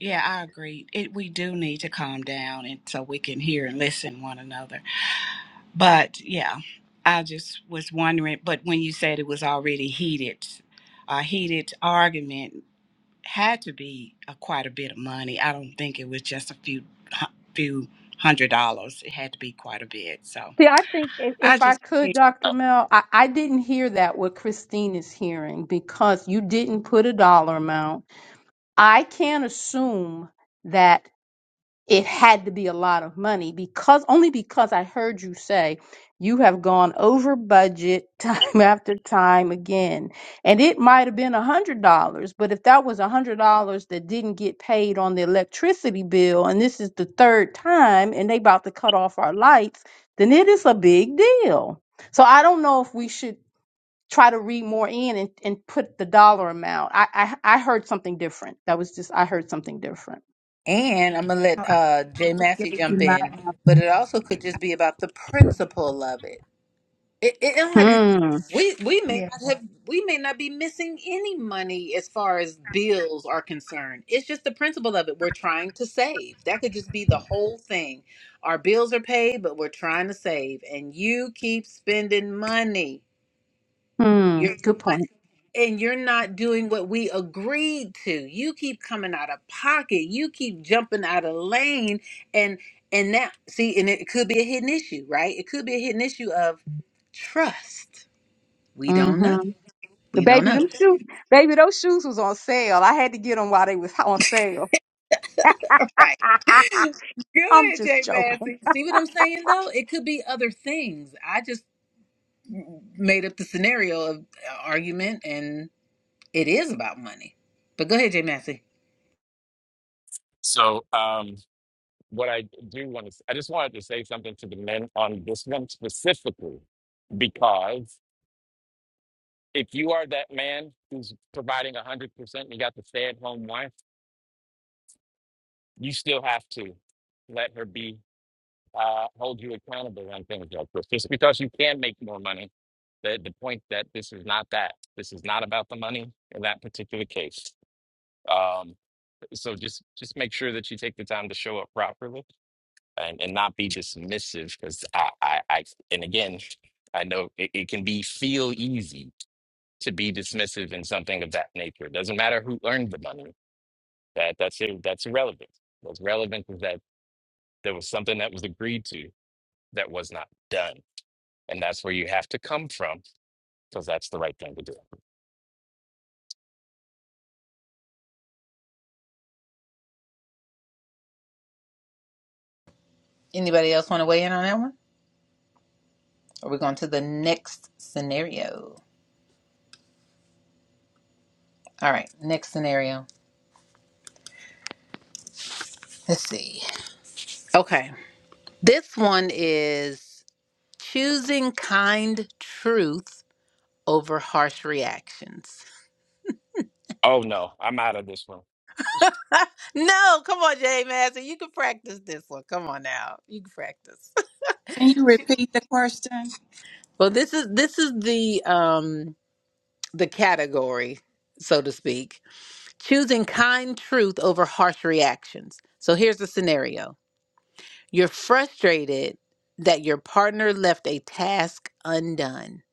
yeah, I agree. It we do need to calm down and so we can hear and listen one another. But yeah, I just was wondering but when you said it was already heated, a heated argument had to be a, quite a bit of money. I don't think it was just a few hu- few hundred dollars. It had to be quite a bit. So
See, I think if,
I
if I
just
could,
yeah.
Dr.
Oh,
Mel, I, I didn't hear that what Christine is hearing because you didn't put a dollar amount. I can't assume that. it had to be a lot of money because only because I heard you say you have gone over budget time after time again. And it might have been a hundred dollars, but if that was a hundred dollars that didn't get paid on the electricity bill, and this is the third time and they about to cut off our lights, then it is a big deal. So I don't know if we should try to read more in and, and put the dollar amount. I, I I heard something different. That was just I heard something different.
And I'm gonna let uh Jay Massey jump in, but it also could just be about the principle of it. It, it don't have to-
Hmm.
we we may
yeah.
not have we may not be missing any money as far as bills are concerned. It's just the principle of it. We're trying to save. That could just be the whole thing. Our bills are paid, but we're trying to save. And you keep spending money.
Hmm.
You're
Good
not
point.
and you're not doing what we agreed to. You keep coming out of pocket. You keep jumping out of lane. And and that see, and it could be a hidden issue, right? It could be a hidden issue of trust we don't know.
Mm-hmm. The
We don't
baby,
know.
them shoes, baby, those shoes was on sale. I had to get them while they was on sale.
Right.
I'm
Good,
just
Jay
joking.
Massey. See what I'm saying, though? It could be other things. I just made up the scenario of uh, argument, and it is about money. But go ahead, Jay Massey.
So um, what I do want to, I just wanted to say something to the men on this one specifically, because if you are that man who's providing 100% and you got the stay-at-home wife, you still have to let her be, uh, hold you accountable on things like this. Just because you can make more money, the, the point that this is not that. This is not about the money in that particular case. Um, so just just make sure that you take the time to show up properly and, and not be dismissive because I, I, I and again I know it, it can be feel easy to be dismissive in something of that nature. It doesn't matter who earned the money. That that's ir- that's irrelevant. What's relevant is that there was something that was agreed to that was not done. And that's where you have to come from because that's the right thing to do.
Anybody else want to weigh in on that one? Or we going to the next scenario? All right, next scenario. Let's see. Okay. This one is choosing kind truth over harsh reactions.
Oh no, I'm out of this one.
no, come on, Jay Master. You can practice this one. Come on now. You can practice.
Can you repeat the question?
well, this is this is the um the category, so to speak. Choosing kind truth over harsh reactions. So here's the scenario. You're frustrated that your partner left a task undone,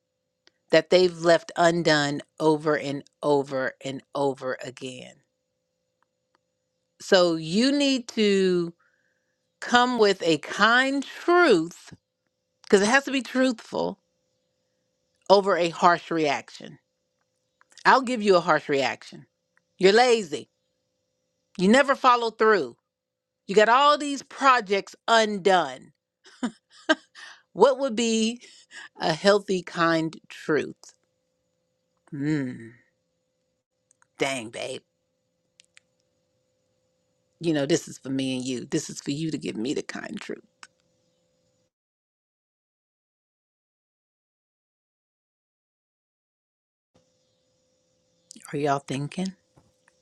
that they've left undone over and over and over again. So you need to come with a kind truth because it has to be truthful over a harsh reaction. I'll give you a harsh reaction. You're lazy. You never follow through. You got all these projects undone. What would be a healthy, kind truth? Hmm, dang, babe. You know, this is for me and you. This is for you to give me the kind truth. Are y'all thinking?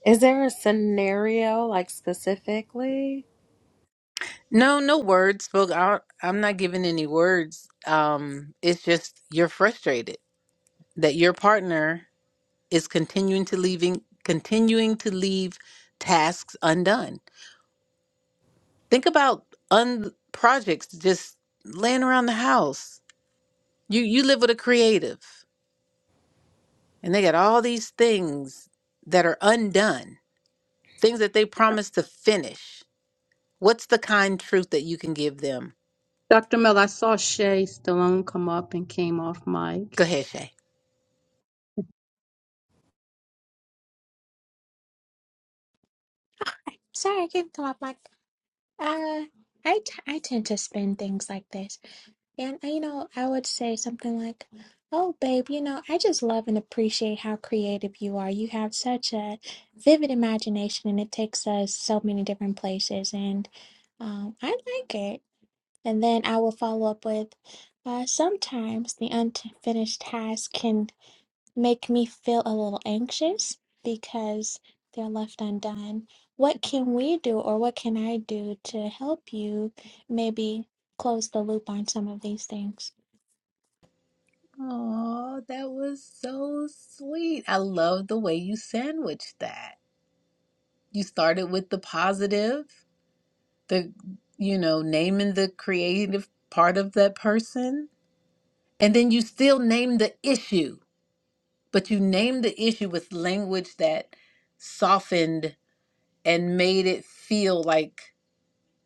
Is there a scenario like specifically?
No, no words, folks. I- I'm not giving any words. Um, it's just you're frustrated that your partner is continuing to leaving continuing to leave tasks undone. Think about un projects just laying around the house. You you live with a creative and they got all these things that are undone, things that they promised to finish. What's the kind truth that you can give them?
Dr. Mel, I saw Shay Stallone come up and came off mic.
Go ahead, Shay.
Sorry, I can come up, Mike. Uh, I, t I tend to spin things like this. And, uh, you know, I would say something like, Oh, babe, you know, I just love and appreciate how creative you are. You have such a vivid imagination and it takes us so many different places. And um, I like it. And then I will follow up with, uh, sometimes the unfinished task can make me feel a little anxious because they're left undone. What can we do, or what can I do to help you maybe close the loop on some of these things?
Oh, that was so sweet. I love the way you sandwiched that. You started with the positive the you know naming the creative part of that person and then you still name the issue but you name the issue with language that softened and made it feel like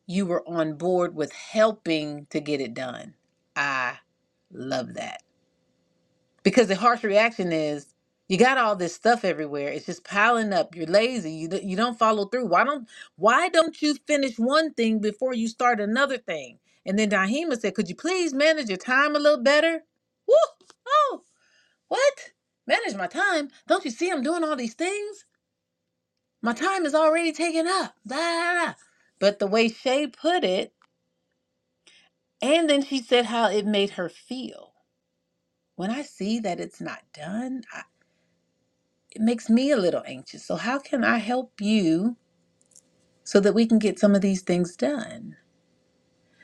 you were on board with helping to get it done i love that because the harsh reaction is you got all this stuff everywhere it's just piling up you're lazy you, d- you don't follow through why don't why don't you finish one thing before you start another thing and then Dahima said could you please manage your time a little better Woo! oh what manage my time don't you see i'm doing all these things my time is already taken up da, da, da. but the way shay put it and then she said how it made her feel when i see that it's not done it makes me a little anxious. So how can I help you so that we can get some of these things done?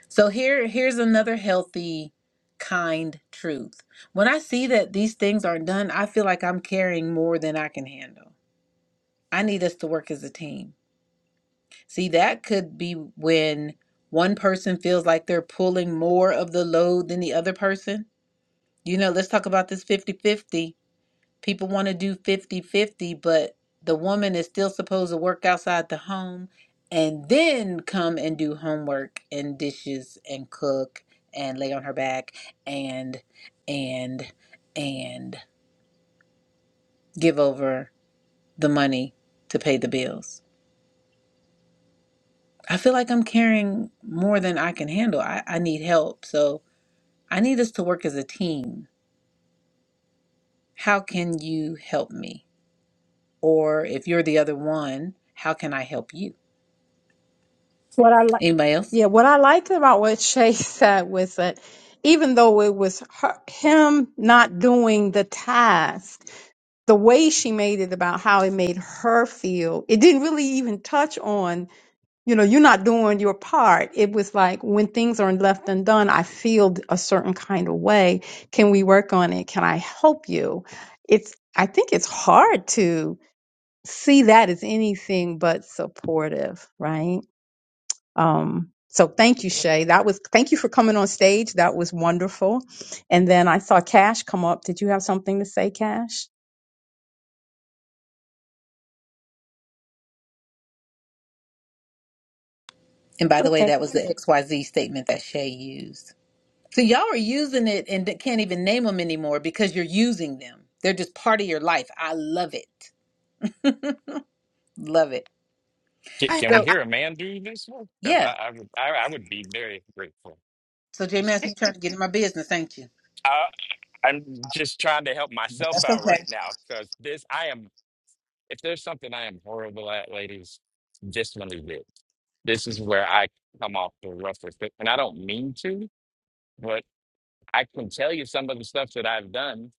So here here's another healthy kind truth. When I see that these things are not done, I feel like I'm carrying more than I can handle. I need us to work as a team. See, that could be when one person feels like they're pulling more of the load than the other person. You know, let's talk about this fifty-fifty. People want to do fifty-fifty, but the woman is still supposed to work outside the home and then come and do homework and dishes and cook and lay on her back and, and, and give over the money to pay the bills. I feel like I'm carrying more than I can handle. I, I need help. So I need us to work as a team. How can you help me? Or if you're the other one, how can I help you?
What I like,
Anybody else?
yeah, what I liked about what Shay said was that even though it was her, him not doing the task, the way she made it about how it made her feel, it didn't really even touch on. you know, you're not doing your part. It was like when things are left undone, I feel a certain kind of way. Can we work on it? Can I help you? It's, I think it's hard to see that as anything but supportive, right? Um, so thank you, Shay. That was, thank you for coming on stage. That was wonderful. And then I saw Cash come up. Did you have something to say, Cash?
And by the way,
Okay.
that was the XYZ statement that Shay used. So y'all are using it and d- can't even name them anymore because you're using them. They're just part of your life. I love it. Love it.
Can,
I
can
have.
we
So
hear a man do this one? Because
yeah.
I, I would I, I would be very grateful.
So J Mass, you trying to get in my business, ain't you?
I'm just trying to help myself
That's
out right now because this, I am, if there's something I am horrible at, ladies, this one is it. This is where I come off the roughest. bit, And I don't mean to, but I can tell you some of the stuff that I've done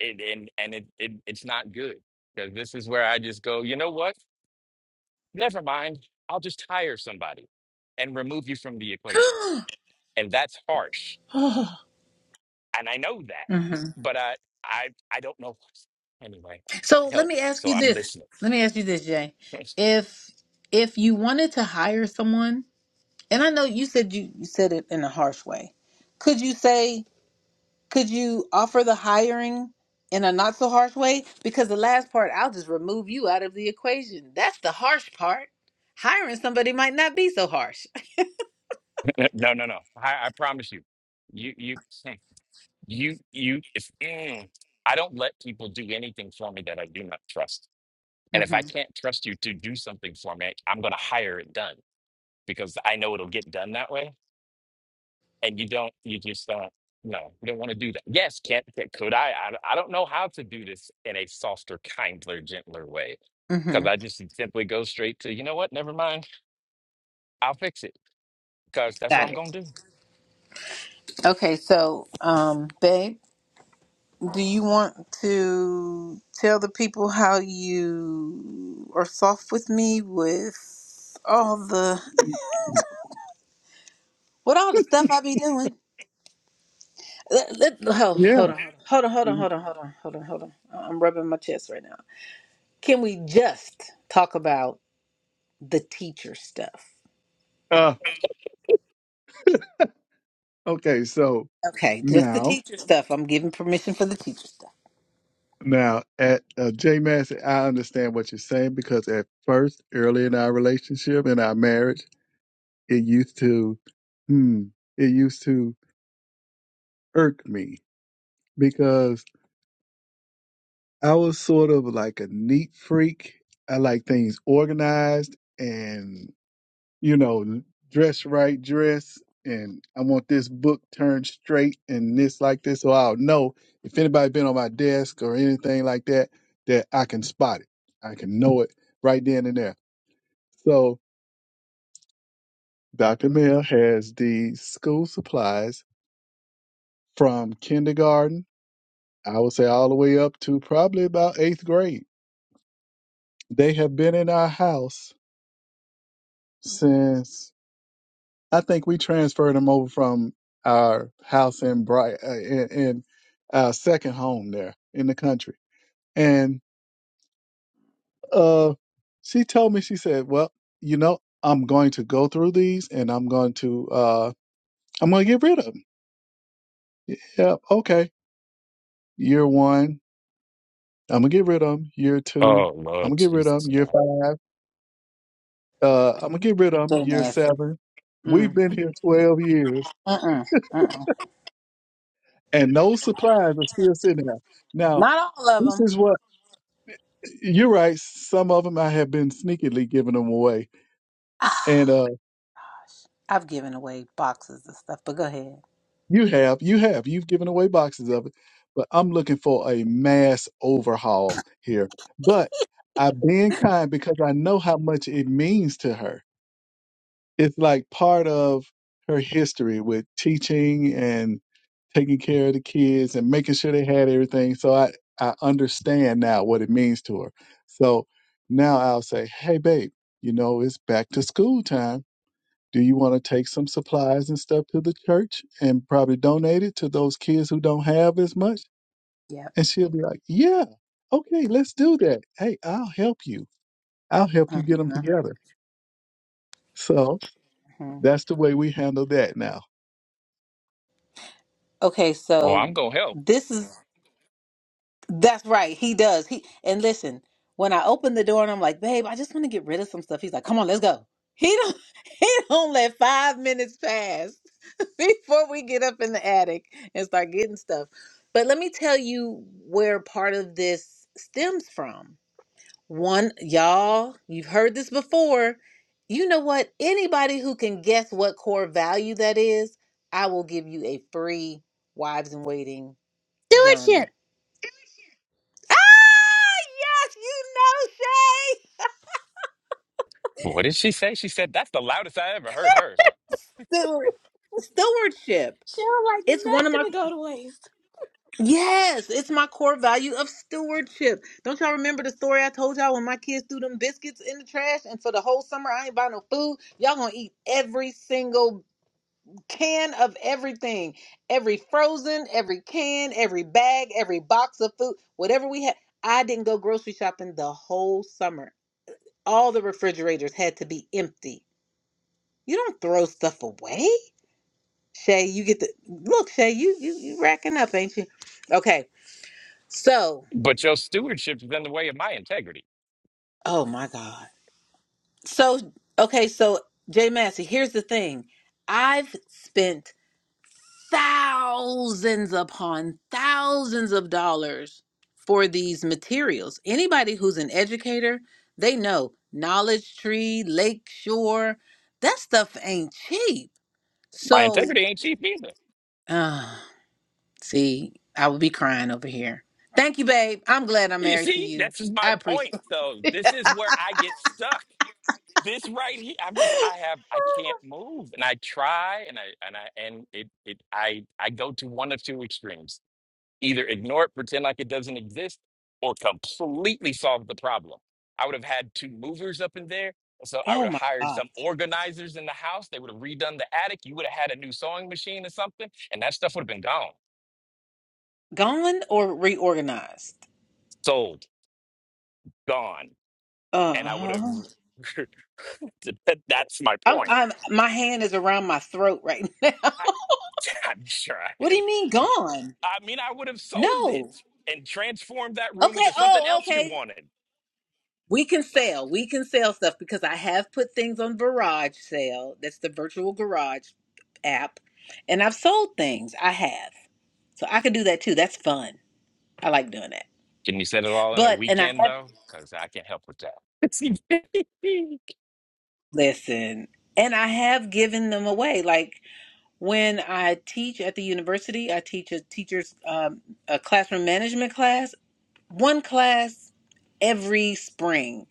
it, and, and it, it, it's not good because this is where I just go, you know what? Never mind. I'll just hire somebody and remove you from the equation.
okay.
And that's harsh and I know that,
Mhm.
but I I I don't know. Anyway,
So let
help.
me ask
So
you
I'm
this.
listening.
Let me ask you this, Jay. If if you wanted to hire someone, and I know you said you, you said it in a harsh way, could you say Could you offer the hiring in a not so harsh way? Because the last part, I'll just remove you out of the equation. That's the harsh part. Hiring somebody might not be so harsh.
no, no, no. I, I promise you, you you hmm, you you. If mm, I don't let people do anything for me that I do not trust, and if
hmm
I can't trust you to do something for me, I'm going to hire it done because I know it'll get done that way and you don't you just don't no you don't want to do that yes can, can- could I, I i don't know how to do this in a softer kinder gentler way because
hmm
i just simply go straight to you know what never mind i'll fix it because that's what
Got
i'm
it.
gonna do
Okay, so, um, babe, do you want to tell the people how you are soft with me with all the with all the stuff I be doing? Let, let, oh,
Yeah.
hold on, hold on, hold on, hold on, hold on, hold on, hold on. hold on. I'm rubbing my chest right now. Can we just talk about the teacher stuff?
Uh, okay. So
Okay, just the
now
teacher stuff. I'm giving permission for the teacher stuff.
Now, at uh, J Massey, I understand what you're saying because at first, early in our relationship, in our marriage, it used to, hmm, it used to irk me because I was sort of like a neat freak. I like things organized, and you know, dress right, dress, and I want this book turned straight and this like this, so I'll know if anybody been on my desk or anything like that, that I can spot it. I can know it right then and there. So Dr. Mill has the school supplies from kindergarten, I would say all the way up to probably about eighth grade. They have been in our house since I think we transferred him over from our house in Bright uh, in, in our second home there in the country. And uh, she told me, she said, "Well, you know, I'm going to go through these, and I'm going to uh, I'm going to get rid of them. Yeah, okay. Year one, I'm gonna get rid of them. Year two,
oh
I'm gonna
lord
get rid of them.
jesus
Year
no
five, uh, I'm gonna get rid of them.
Jay
Year
Massey.
seven, we've
Mm,
been here 12 years,
mm-mm, mm-mm.
and those supplies are still sitting there. Now,
Not all of
this
them.
is what." You're right. Some of them I have been sneakily giving them away,
Ah,
and uh,
I've given away boxes and stuff, but go ahead.
you have, you have, you've given away boxes of it. But I'm looking for a mass overhaul here. But I've been kind because I know how much it means to her. It's like part of her history with teaching and taking care of the kids and making sure they had everything. So I I understand now what it means to her. So now I'll say, hey, babe, you know it's back to school time Do you want to take some supplies and stuff to the church and probably donate it to those kids who don't have as much?
Yep.
And she'll be like, Yeah, okay, let's do that. Hey, I'll help you. I'll help you get them
Uh-huh.
together. So
Mhm.
that's the way we handle that now.
Okay,
well
so
i'm gonna help
this is that's right. He does. He and listen, when I open the door and I'm like, babe, I just want to get rid of some stuff. He's like, come on, let's go. He don't he don't let five minutes pass before we get up in the attic and start getting stuff. But let me tell you where part of this stems from. One, y'all, you've heard this before. You know what? Anybody who can guess what core value that is, I will give you a free Wives in Waiting journal. Ah, yes, you know, Shay.
what did she say she said that's the loudest i ever heard her
Steward, stewardship.
Sure.
It's one of my yes, it's my core value of stewardship. Don't y'all remember the story I told y'all when my kids threw them biscuits in the trash and for the whole summer I ain't buy no food? Y'all gonna eat every single can of everything every frozen every can every bag every box of food whatever we had i didn't go grocery shopping the whole summer all the refrigerators had to be empty you don't throw stuff away shay you get the look shay you you, you racking up ain't you okay so
but your stewardship stewardship's been in the way of my integrity
oh my god so okay so jay massey here's the thing i've spent thousands upon thousands of dollars for these materials. Anybody who's an educator, they know Knowledge Tree, Lakeshore, that stuff ain't cheap.
my
So,
integrity ain't cheap either
uh, see, I would be crying over here. Thank you, babe. I'm glad I'm
You
married to
see,
you.
this is
I
my point.
appreciate.
So this is where I get stuck. This right here, I'm just I have I can't move, and I try, and I and I and it it I I go to one of two extremes: either ignore it, pretend like it doesn't exist, or completely solve the problem. I would have had two movers up in there, so I would
Oh
have
my
hired
God,
some organizers in the house. They would have redone the attic. You would have had a new sewing machine or something, and that stuff would have been gone,
gone or reorganized?
sold, gone.
Uh
and I would have.
huh.
That's my
I'm.
point.
I'm. My hand is around my throat right now.
I, I'm sure I
What do
am.
you mean gone?
I mean, I would have sold it
No.
and transformed that room
Okay.
into something
Oh,
else you
okay.
wanted.
We can
No.
sell. We can sell stuff because I have put things on Garage Sale. That's the virtual garage app. And I've sold things. I have. So I can do that too. That's fun. I like doing that.
Can you set it all in a
But, and I
weekend,
have,
though? Because I can't help with that.
listen, and I have given them away. Like when I teach at the university, I teach a teacher's, um, a classroom management class, one class every spring.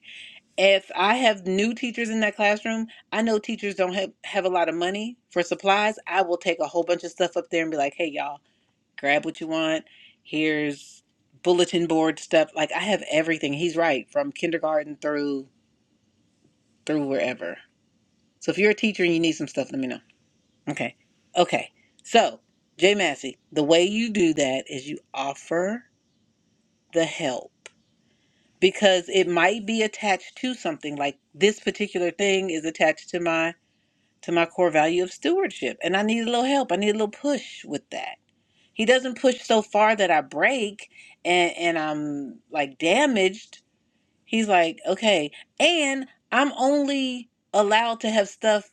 if I have new teachers in that classroom, I know teachers don't have, have a lot of money for supplies. I will take a whole bunch of stuff up there and be like, hey, y'all, grab what you want. Here's bulletin board stuff. Like, I have everything. He's right, from kindergarten through through wherever. So if you're a teacher and you need some stuff, let me know. Okay. Okay. So, Jay Massey, the way you do that is you offer the help because it might be attached to something like this particular thing is attached to my to my core value of stewardship. And I need a little help. I need a little push with that. He doesn't push so far that I break and, and I'm like damaged. He's like, okay. And I'm only allowed to have stuff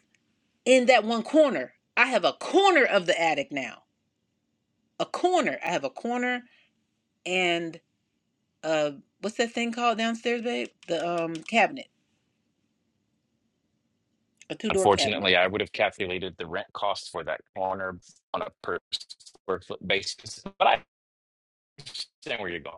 in that one corner. I have a corner of the attic now. A corner. I have a corner and uh what's that thing called downstairs, babe? The um cabinet. A two door cabinet.
Unfortunately, I would have calculated the rent cost for that corner on a per square foot basis, but I understand where you're going.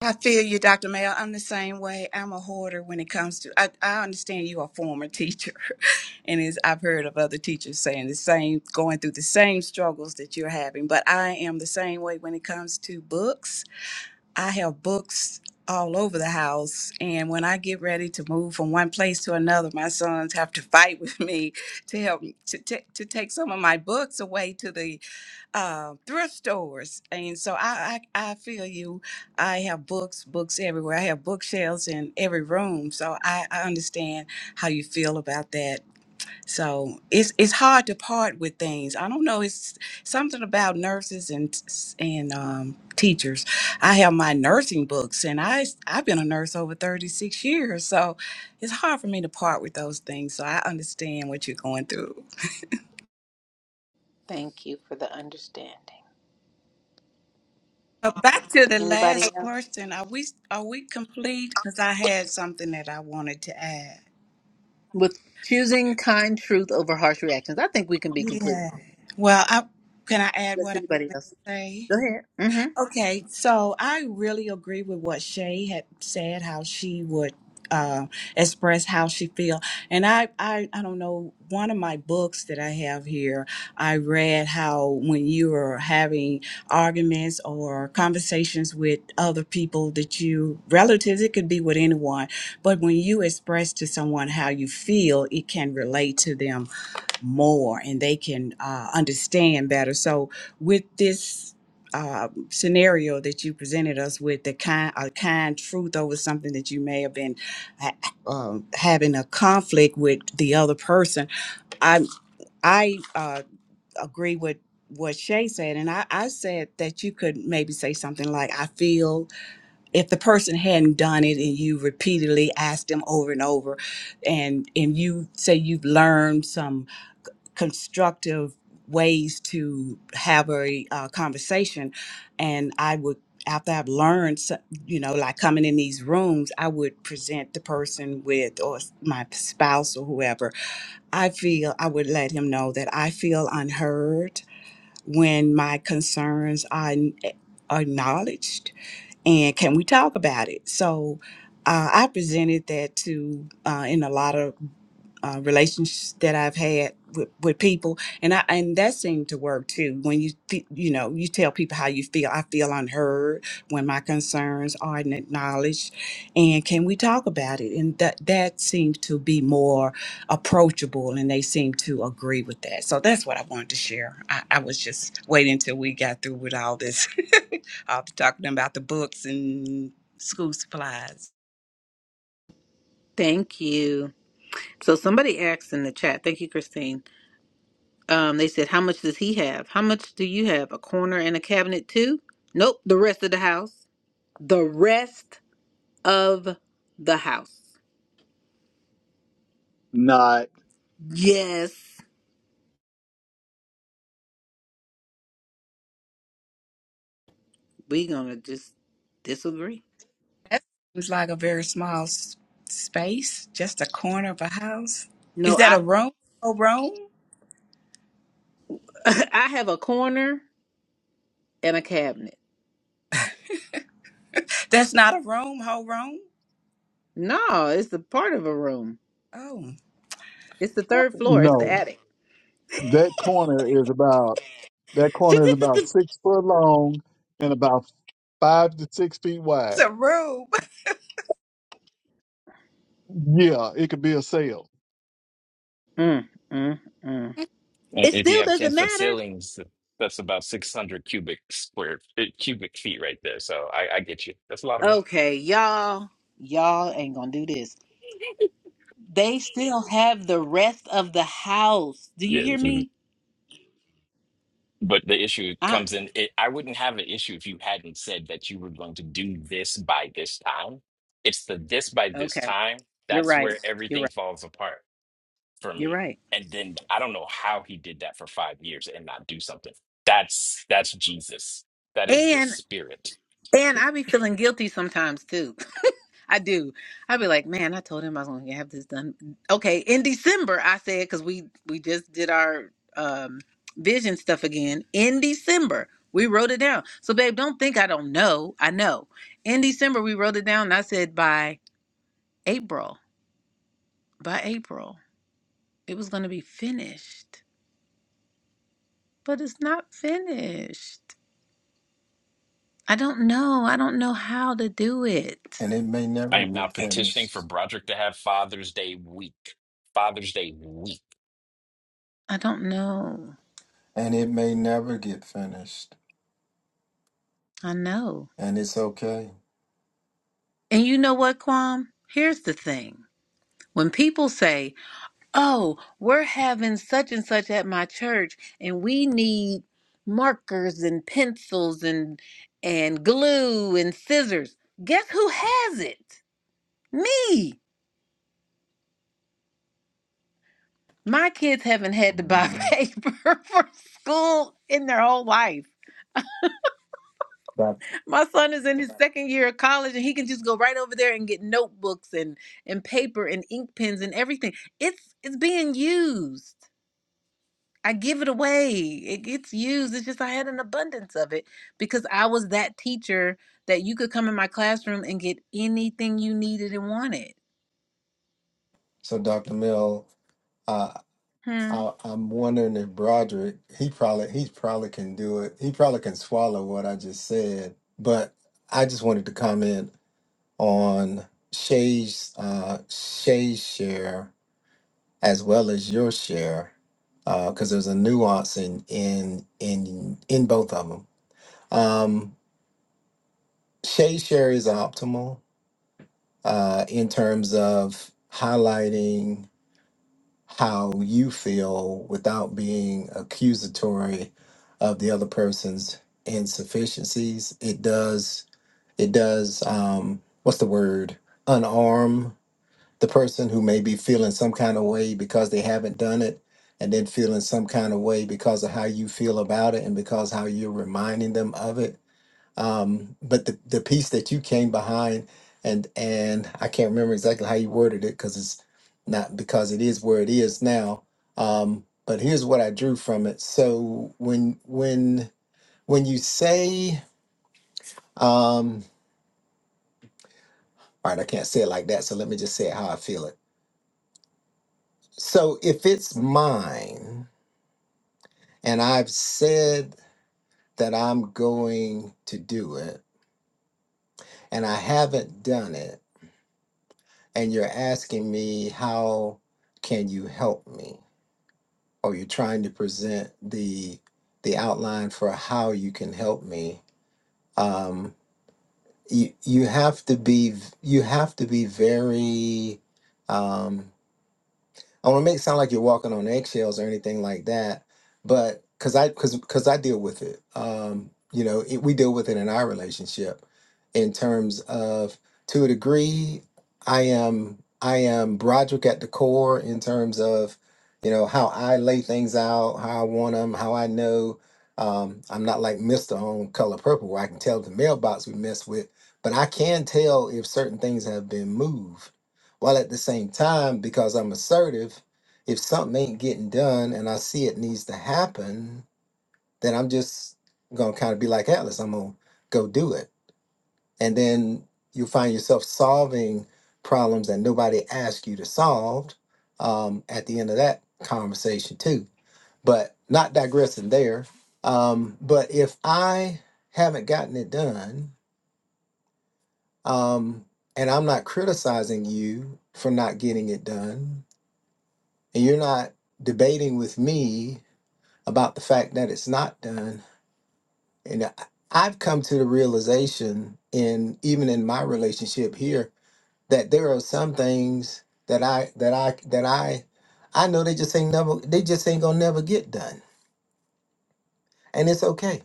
I feel you, Dr. Mayo. I'm the same way. I'm a hoarder when it comes to. I, I understand you are a former teacher, and is I've heard of other teachers saying the same, going through the same struggles that you're having. But I am the same way when it comes to books. I have books all over the house, and when I get ready to move from one place to another, my sons have to fight with me to help me to, ta- to take some of my books away to the uh, thrift stores, and so I, I I feel you. I have books, books everywhere. I have bookshelves in every room, so I, I understand how you feel about that. So it's it's hard to part with things. I don't know. It's something about nurses and and um, teachers. I have my nursing books, and I I've been a nurse over thirty six years, so it's hard for me to part with those things. So I understand what you're going through.
Thank you for the understanding.
Uh, back to the
Anybody else?
last question. Are we are we complete? Because I had something that I wanted to add.
with choosing kind truth over harsh reactions. I think we can be complete.
Yeah. Well, I can I add
Let's
what I wanted
anybody else.
to say?
Go ahead. hmm
Okay, so I really agree with what Shay had said, how she would uh, express how she feel. And I, I, I don't know, one of my books that I have here, I read how when you are having arguments or conversations with other people that you, relatives, it could be with anyone, but when you express to someone how you feel, it can relate to them more and they can uh, understand better. So, with this uh, scenario that you presented us with, the kind a kind truth over something that you may have been ha- um having a conflict with the other person, I I uh, agree with what Shay said, and I, I said that you could maybe say something like, "I feel." If the person hadn't done it and you repeatedly asked them over and over, and and you say you've learned some constructive ways to have a uh, conversation and i would after i've learned so- you know like coming in these rooms i would present the person with or s- my spouse or whoever i feel i would let him know that i feel unheard when my concerns are n- eh, acknowledged and can we talk about it so uh, i presented that to uh, in a lot of uh, relationships that I've had with, with people, and I and that seemed to work too. When you fe- you know you tell people how you feel, I feel unheard when my concerns aren't acknowledged, and can we talk about it? And that that seems to be more approachable, and they seem to agree with that. So that's what I wanted to share. I, I was just waiting until we got through with all this, all the talking about the books and school supplies.
Thank you. So somebody asked in the chat. Thank you, Christine. Um, they said, "How much does he have? How much do you have? A corner and a cabinet too? Nope. The rest of the house. The rest of the house.
Not,
Yes, we gonna just disagree.
That seems like a very small s- space, just a corner of a house. Is
No,
that
I
a room? A room?
I have a corner and a cabinet.
That's not a room, whole room?
No, it's a part of a room.
Oh,
It's the third floor. It's the
no,
attic.
that corner is about, that corner is about six foot long and about five to six feet
it's
wide.
a room.
Yeah, it could be a sale.
Mm, mm, mm.
And
It
if you
still
have 10
doesn't
foot
matter.
ceilings, that's about 600 cubic square uh, cubic feet right there. So I, I get you. That's a lot of that.
Okay, y'all, y'all ain't gonna do this. They still have the rest of the house. Do you
Yeah.
hear
mhm.
me?
But the issue
I
comes in, it, I wouldn't have an issue if you hadn't said that you were going to do this by this time. It's the this by this
okay.
time.
You're
That's
right.
where
You're
everything
right.
falls apart for
You're
me.
right.
And then I don't know how he did that for five years and not do something. That's that's Jesus. That is the
And
spirit.
and I be feeling guilty sometimes too. I do. I'd be like, man, I told him I was going to have this done. Okay, in December, I said because we we just did our um, vision stuff again in December. We wrote it down. So, babe, don't think I don't know. I know. In December, we wrote it down. And I said by April, by April, it was going to be finished, but it's not finished. I don't know. I don't know how to do it.
and it may
I
never
am now
get
petitioning for
finished
Broderick to have Father's Day week. Father's Day week.
I don't know.
and it may never get finished
I know.
and it's okay
And you know what, Quam? Here's the thing. When people say, oh, we're having such and such at my church and we need markers and pencils and and glue and scissors. Guess who has it? Me. My kids haven't had to buy
Mhm.
paper for school in their whole life.
Doc-
My son is in his second year of college and he can just go right over there and get notebooks and and paper and ink pens and everything. It's it's being used. I give it away. It gets used. It's just I had an abundance of it because I was that teacher that you could come in my classroom and get anything you needed and wanted.
so dr mill uh,
Hmm.
I, i'm wondering if broderick he probably he probably can do it he probably can swallow what i just said but i just wanted to comment on shay's uh shay's share as well as your share because there's a nuance in in in in both of them Shade share is optimal uh, in terms of highlighting how you feel without being accusatory of the other person's insufficiencies. It does. It does. Um, what's the word? Unarm the person who may be feeling some kind of way because they haven't done it, and then feeling some kind of way because of how you feel about it and because how you're reminding them of it um, but the, the piece that you came behind and and I can't remember exactly how you worded it because it's not because it is where it is now. Um, but here's what I drew from it. So when when when you say um, all right, I can't say it like that, so let me just say it how I feel it. So if it's mine and I've said that I'm going to do it and I haven't done it and you're asking me how can you help me or you're trying to present the the outline for how you can help me um you you have to be you have to be very um I want to make it sound like you're walking on eggshells or anything like that, but because I because because I deal with it. Um, you know, it, we deal with it in our relationship in terms of to a degree. I am I am Broderick at the core in terms of you know how I lay things out, how I want them, how I know. Um, I'm not like Mister on Color Purple where I can tell the mailbox we mess with, but I can tell if certain things have been moved while at the same time, because I'm assertive, if something ain't getting done and I see it needs to happen, then I'm just gonna kind of be like Atlas, I'm gonna go do it. And then you'll find yourself solving problems that nobody asked you to solve um, at the end of that conversation too. But not digressing there. Um, but if I haven't gotten it done, um, and I'm not criticizing you for not getting it done. and you're not debating with me about the fact that it's not done and I- i've come to the realization in even in my relationship here that there are some things that i that i that i i know they just ain't never they just ain't gonna never get done and it's okay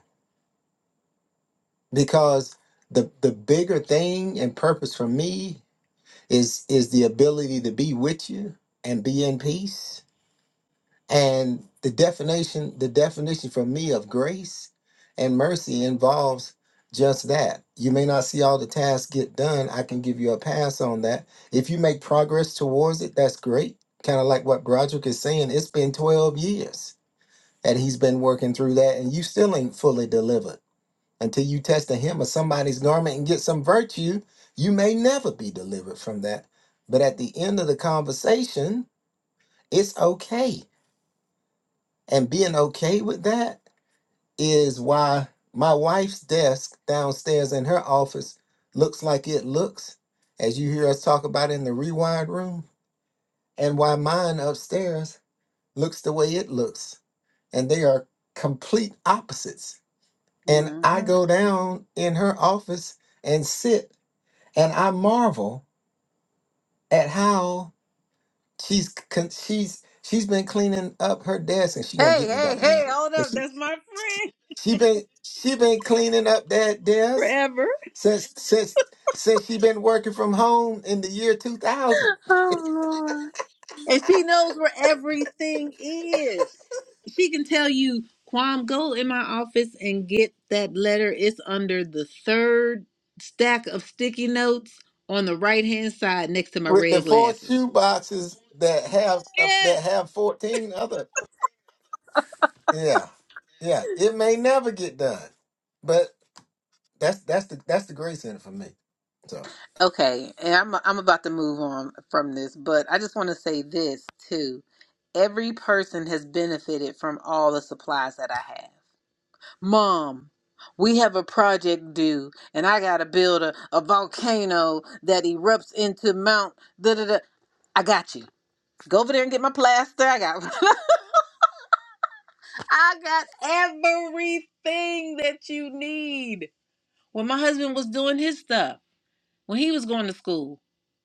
because the the bigger thing and purpose for me is is the ability to be with you and be in peace And the definition, the definition for me of grace and mercy involves just that. You may not see all the tasks get done. I can give you a pass on that. If you make progress towards it, that's great. Kind of like what Broderick is saying, it's been 12 years and he's been working through that, and you still ain't fully delivered. Until you test the hem of somebody's garment and get some virtue, you may never be delivered from that. But at the end of the conversation, it's okay and being okay with that is why my wife's desk downstairs in her office looks like it looks, as you hear us talk about in the rewired room, and why mine upstairs looks the way it looks. And they are complete opposites. And I
hmm
go down in her office and sit and I marvel at how she's con- she's she's been cleaning up her desk and she's gonna
Hey,
get me,
hey,
Dr.
hey,
Mel.
hold
But
up.
she
That's my friend
She been she been cleaning up that desk
forever.
since since since she been working from home in the year 2000
Oh Lord. And she knows where everything is. She can tell you, Quam, go in my office and get that letter. It's under the third stack of sticky notes on the right hand side next to my
with the
red
four
glasses.
shoe boxes that have uh,
Yes.
that have 14 other yeah yeah it may never get done but that's that's the that's the grace in it for me so
Okay, and I'm I'm about to move on from this, but I just want to say this too. Every person has benefited from all the supplies that I have. Mom, we have a project due, and I gotta build a, a volcano that erupts into Mount da da da. I got you. Go over there and get my plaster. I got I got everything that you need. When my husband was doing his stuff. when he was going to school.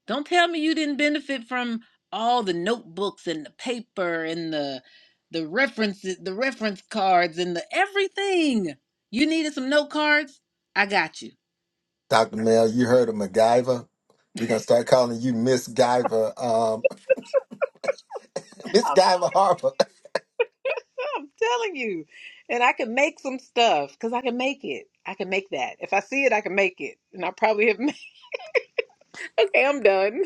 Don't tell me you didn't benefit from all the notebooks and the paper and the the references, the reference cards and the everything. You needed some note cards? I got you.
Dr. Mel you heard of MacGyver we're gonna start calling you Miss Guyver um Miss
I'm,
Guyver Harper
I'm telling you. And I can make some stuff because I can make it. I can make that. If I see it, I can make it. And I probably have made Okay, I'm done.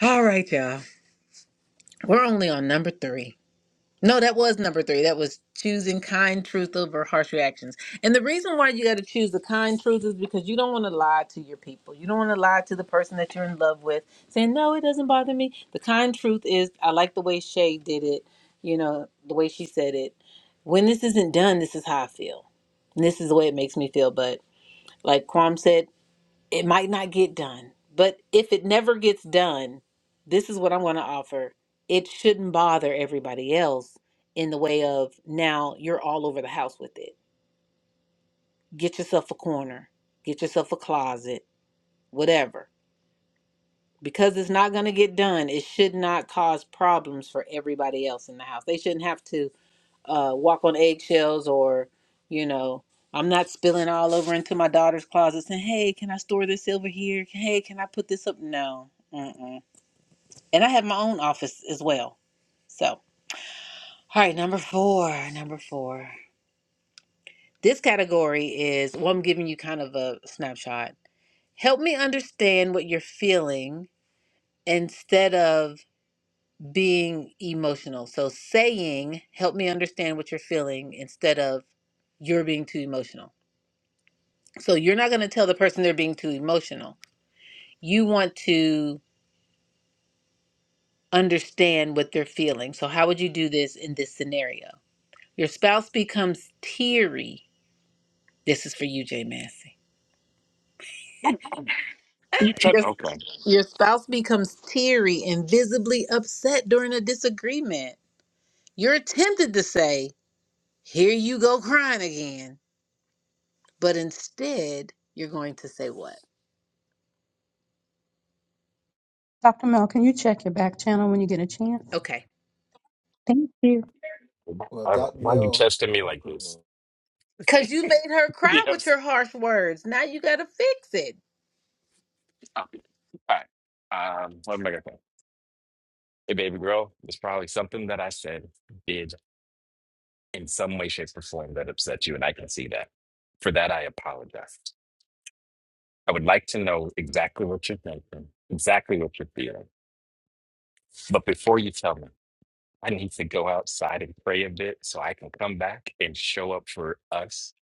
All right, y'all. We're only on number 3. No, that was number three. That was choosing kind truth over harsh reactions. And the reason why you got to choose the kind truth is because you don't want to lie to your people. You don't want to lie to the person that you're in love with, saying, No, it doesn't bother me. The kind truth is, I like the way Shay did it, you know, the way she said it. When this isn't done, this is how I feel. And this is the way it makes me feel. But like Kwam said, it might not get done, but if it never gets done, this is what I'm going to offer. It shouldn't bother everybody else in the way of now you're all over the house with it. Get yourself a corner, get yourself a closet, whatever. Because it's not going to get done, it should not cause problems for everybody else in the house. They shouldn't have to uh, walk on eggshells or, you know, I'm not spilling all over into my daughter's closet saying, hey, can I store this silver here? Hey, can I put this up? No. Mm-mm. And I have my own office as well. So, all right, number four. Number four. This category is, well, I'm giving you kind of a snapshot. Help me understand what you're feeling instead of being emotional. So, saying, help me understand what you're feeling instead of you're being too emotional. So you're not going to tell the person they're being too emotional. You want to understand what they're feeling. So, how would you do this in this scenario? Your spouse becomes teary. This is for you, Jay Massey.
You try.
Your,
Okay.
your spouse becomes teary and visibly upset during a disagreement. You're tempted to say, Here you go crying again. But instead, you're going to say, What?
Dr. Mel, can you check your back channel when you get a chance?
Okay.
Thank you.
well
I-
Dr.
Why are you
Mel
testing me
oh
like
good
this?
Because you made her cry with
yes.
your harsh words. Now you got to fix it.
All right. Um, what am I going to say? Hey, baby girl, there's probably something that I said, did in some way, shape, or form that upset you, and I can see that. For that, I apologize. I would like to know exactly what you're thinking, exactly what you're feeling. But before you tell me. I need to go outside and pray a bit so I can come back and show up for us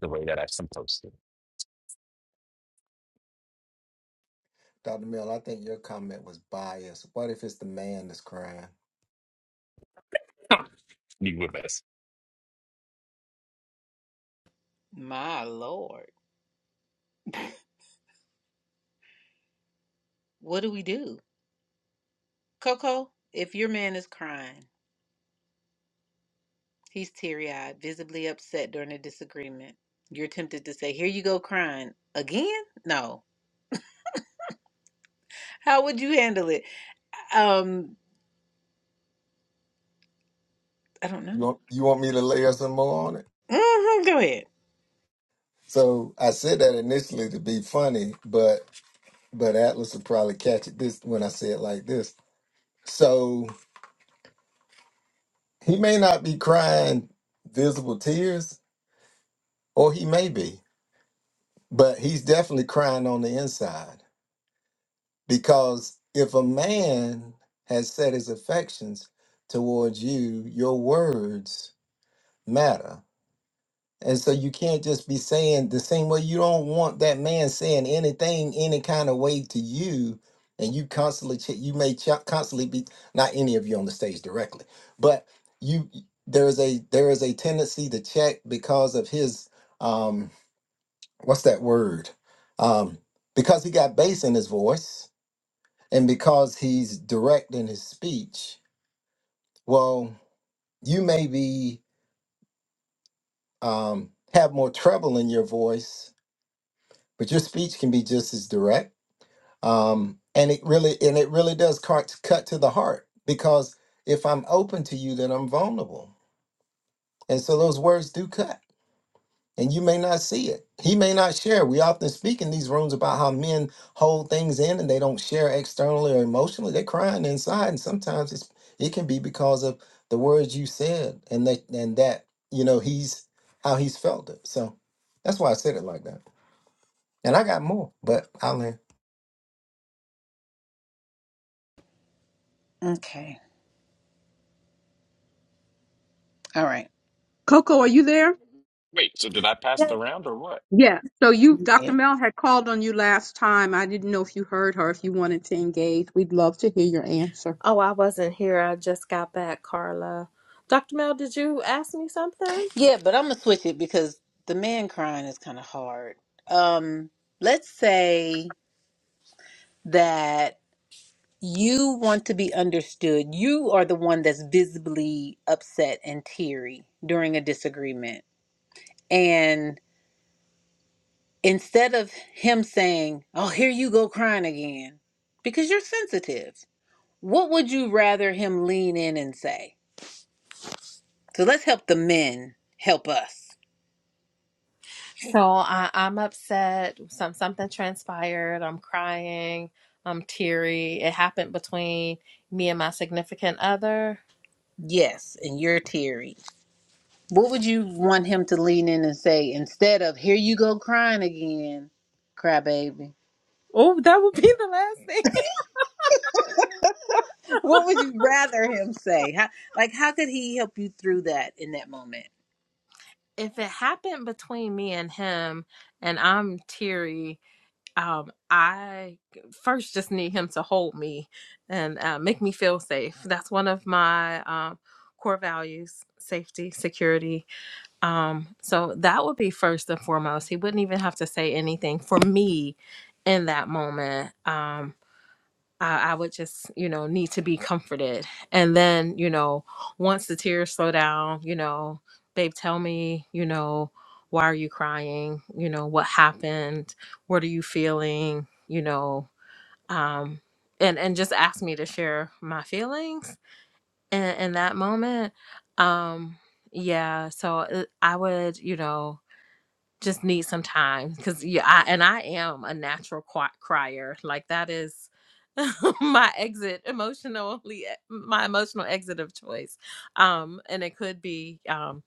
the way that I'm supposed to.
Dr. Mill, I think your comment was biased. What if it's the man that's crying?
Huh, Be with us.
My Lord. What do we do? Coco, if your man is crying, he's teary eyed, visibly upset during a disagreement, you're tempted to say, Here you go crying again? No. How would you handle it? Um, I don't know.
You want you want me to layer some more on it?
hmm go ahead.
So I said that initially to be funny, but but Atlas would probably catch it this when I say it like this. So he may not be crying visible tears, or he may be, but he's definitely crying on the inside. Because if a man has set his affections towards you, your words matter And so you can't just be saying the same way you don't want that man saying anything any kind of way to you. And you constantly, ch- you may ch- constantly be not any of you on the stage directly, but you there is a there is a tendency to check because of his um what's that word um because he got bass in his voice and because he's direct in his speech. Well, you may be um have more treble in your voice but your speech can be just as direct um, and it really and it really does cut, cut to the heart because if i'm open to you then i'm vulnerable and so those words do cut and you may not see it he may not share we often speak in these rooms about how men hold things in and they don't share externally or emotionally they're crying inside and sometimes it's it can be because of the words you said and that and that you know he's how he's felt it so that's why i said it like that and i got more but i'll end
Okay. All right.
Wait, so did I pass the round or what?
Yeah. So you,
Yeah.
Dr. Mel had called on you last time. I didn't know if you heard her, if you wanted to engage. We'd love to hear your answer.
Oh, I wasn't here. I just got back, Carla. Dr. Mel, did you ask me something?
Yeah, but I'm gonna switch it because the man crying is kind of hard. Um, let's say that. You want to be understood. You are the one that's visibly upset and teary during a disagreement. And instead of him saying, Oh, here you go crying again, because you're sensitive, what would you rather him lean in and say? So let's help the men help us.
So I, I'm upset. Some something transpired. I'm crying. I'm teary. It happened between me and my significant other.
Yes, and you're teary. What would you want him to lean in and say instead of, Here you go crying again, crybaby?
Oh, that would be the last thing.
What would you rather him say? How, like, how could he help you through that in that moment?
If it happened between me and him, and I'm teary, um, I first just need him to hold me and uh, make me feel safe. That's one of my um, core values safety, security. Um, so that would be first and foremost. He wouldn't even have to say anything for me in that moment. Um, I, I would just, you know, need to be comforted. And then, you know, once the tears slow down, you know, babe, tell me, you know, why are you crying? You know, what happened? What are you feeling? You know, um, and and just ask me to share my feelings in, in that moment. Um, yeah, so uh, I would, you know, just need some time because yeah I, and i am a natural qui- crier like that is my exit emotionally my emotional exit of choice um and it could be um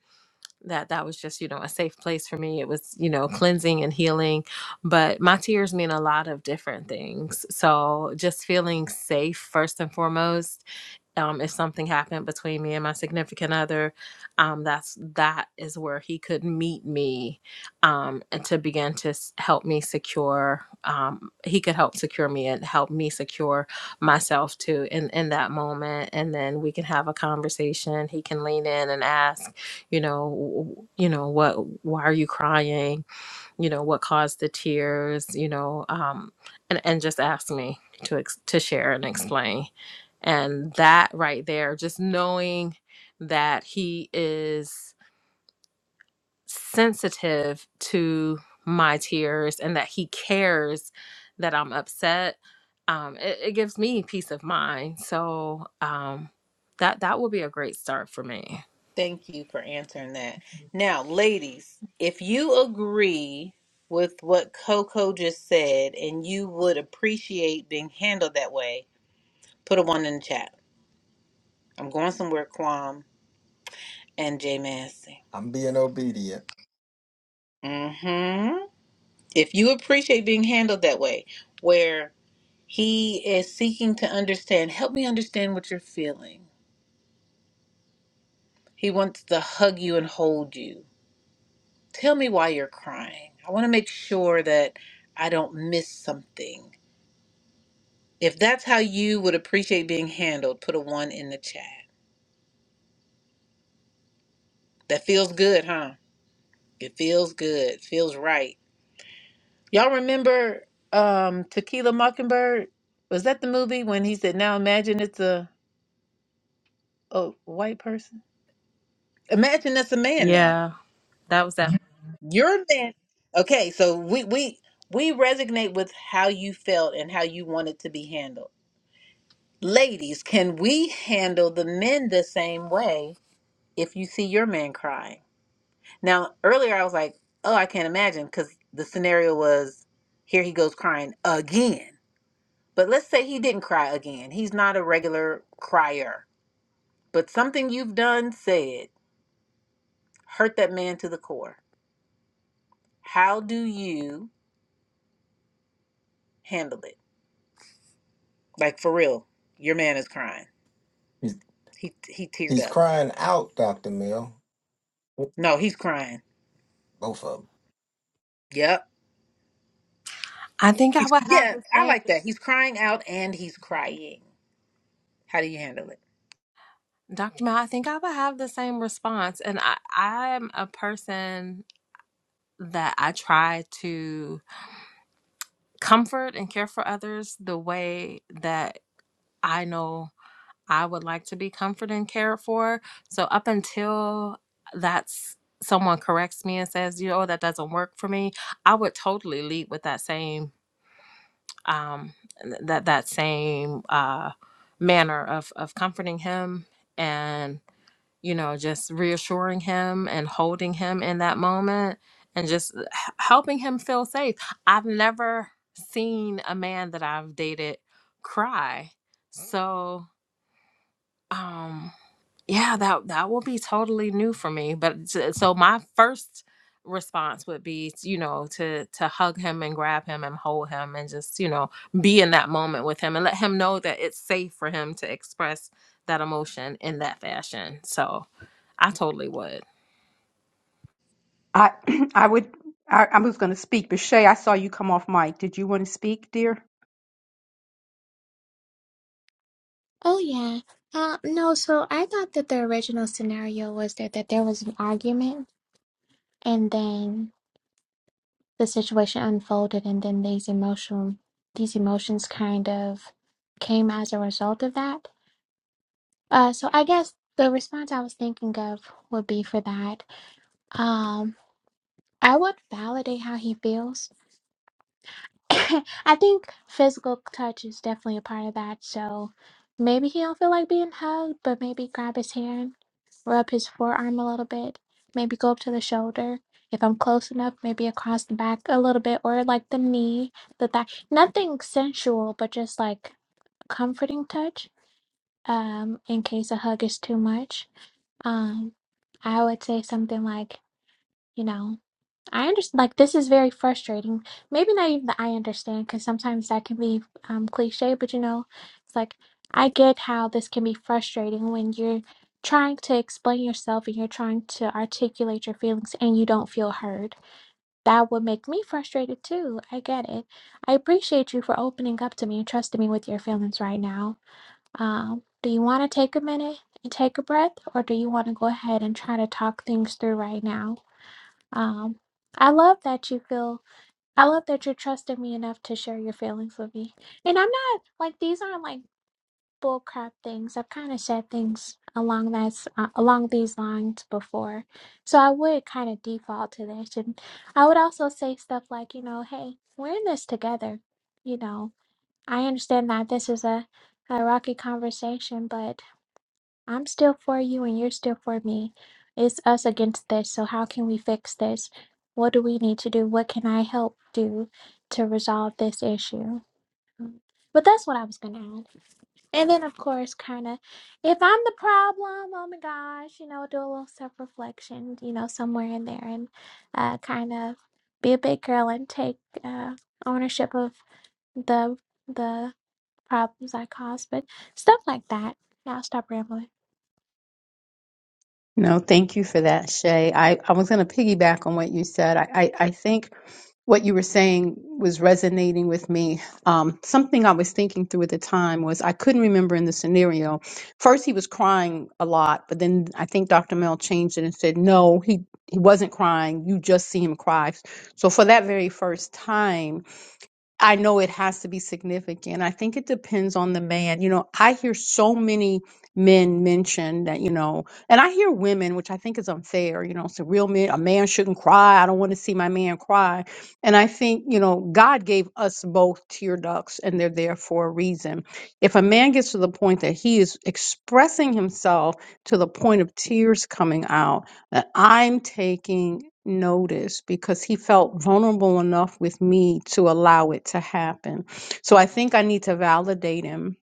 that that was just you know a safe place for me it was you know cleansing and healing but my tears mean a lot of different things so just feeling safe first and foremost um, if something happened between me and my significant other, um, that's that is where he could meet me, um, and to begin to s- help me secure. Um, he could help secure me and help me secure myself too in in that moment, and then we can have a conversation. He can lean in and ask, you know, w- you know what? Why are you crying? you know what caused the tears you know um and and just asked me to ex- to share and explain and that right there just knowing that he is sensitive to my tears and that he cares that i'm upset um it, it gives me peace of mind so um that that would be a great start for me
Thank you for answering that. Now, ladies, if you agree with what Coco just said and you would appreciate being handled that way, put a one in the chat. I'm going somewhere, Quam and Jay Massey.
I'm being obedient.
Mm-hmm. If you appreciate being handled that way, where he is seeking to understand, help me understand what you're feeling. He wants to hug you and hold you Tell me why you're crying. I want to make sure that I don't miss something. If that's how you would appreciate being handled, put a one in the chat. That feels good, huh? It feels good. Feels right. Y'all remember um Tequila Mockingbird? Was that the movie when he said, "Now imagine it's a a white person. Imagine that's a man now.
yeah that was that
You're a man." Okay, so we we we resonate with how you felt and how you wanted to be handled. Ladies, can we handle the men the same way if you see your man crying? Now, earlier I was like, oh, I can't imagine because the scenario was here he goes crying again. But let's say he didn't cry again. He's not a regular crier, but something you've done, said, hurt that man to the core. How do you handle it? Like for real, your man is crying.
He's,
He he teared
he's
up.
crying out, Dr. Mill.
No, he's crying.
Both of them.
Yep.
i think i
He's,
would have
yeah,
the
I
same
like that. He's crying out and he's crying. How do you handle it?
Dr. Mel, I think I would have the same response. And I, I'm a person that I try to comfort and care for others the way that I know I would like to be comforted and cared for. So up until that's someone corrects me and says, you know, oh, that doesn't work for me, I would totally lead with that same um that that same uh manner of of comforting him and. you know, just reassuring him and holding him in that moment and just uh, h- helping him feel safe. I've never seen a man that I've dated cry. So, um yeah, that that will be totally new for me. But s- so my first response would be, you know, to to hug him and grab him and hold him and just, you know, be in that moment with him and let him know that it's safe for him to express that emotion in that fashion. So I totally would.
I I would I, I was going to speak, but Shay, I saw you come off mic. Did you want to speak, dear?
Oh, yeah. Uh, no, so I thought that the original scenario was that, that there was an argument and then the situation unfolded and then these emotional these emotions kind of came as a result of that. Uh, so I guess the response I was thinking of would be for that. Um, I would validate how he feels. I think physical touch is definitely a part of that. So maybe he don't feel like being hugged, but maybe grab his hand, rub his forearm a little bit, maybe go up to the shoulder. If I'm close enough, maybe across the back a little bit, or like the knee, the thigh. Nothing sensual, but just like comforting touch. Um, in case a hug is too much Um, I would say something like, you know, I understand, like, this is very frustrating. Maybe not even the I understand, because sometimes that can be um, cliche, but you know, it's like, I get how this can be frustrating when you're trying to explain yourself and you're trying to articulate your feelings and you don't feel heard. That would make me frustrated too. I get it. I appreciate you for opening up to me and trusting me with your feelings right now um, do you want to take a minute and take a breath, or do you want to go ahead and try to talk things through right now? Um, I love that you feel, I love that you're trusting me enough to share your feelings with me. And I'm not like these aren't like bull crap things. I've kind of said things along that s- uh, along these lines before, so I would kind of default to this. And I would also say stuff like, you know, hey, we're in this together. You know, I understand that this is a a rocky conversation, but I'm still for you and you're still for me. It's us against this. So, how can we fix this? What do we need to do? What can I help do to resolve this issue? Mm. But that's what I was going to add. And then, of course, kind of, if I'm the problem, oh my gosh, you know, do a little self reflection, you know, somewhere in there and uh, kind of be a big girl and take uh, ownership of the the problems I caused. But stuff like that. Now, stop rambling.
No, thank you for that, Shay. I, I was going to piggyback on what you said. I, I, I think what you were saying was resonating with me. Um, something I was thinking through at the time was I couldn't remember in the scenario. First, he was crying a lot, but then I think Dr. Mel changed it and said, no, he, he wasn't crying. You just see him cry. So for that very first time, I know it has to be significant. I think it depends on the man. You know, I hear so many men mention that, you know, and I hear women, which I think is unfair, you know, so real men, a man shouldn't cry. I don't want to see my man cry. And I think, you know, God gave us both tear ducts and they're there for a reason. If a man gets to the point that he is expressing himself to the point of tears coming out, that I'm taking notice because he felt vulnerable enough with me to allow it to happen. So I think I need to validate him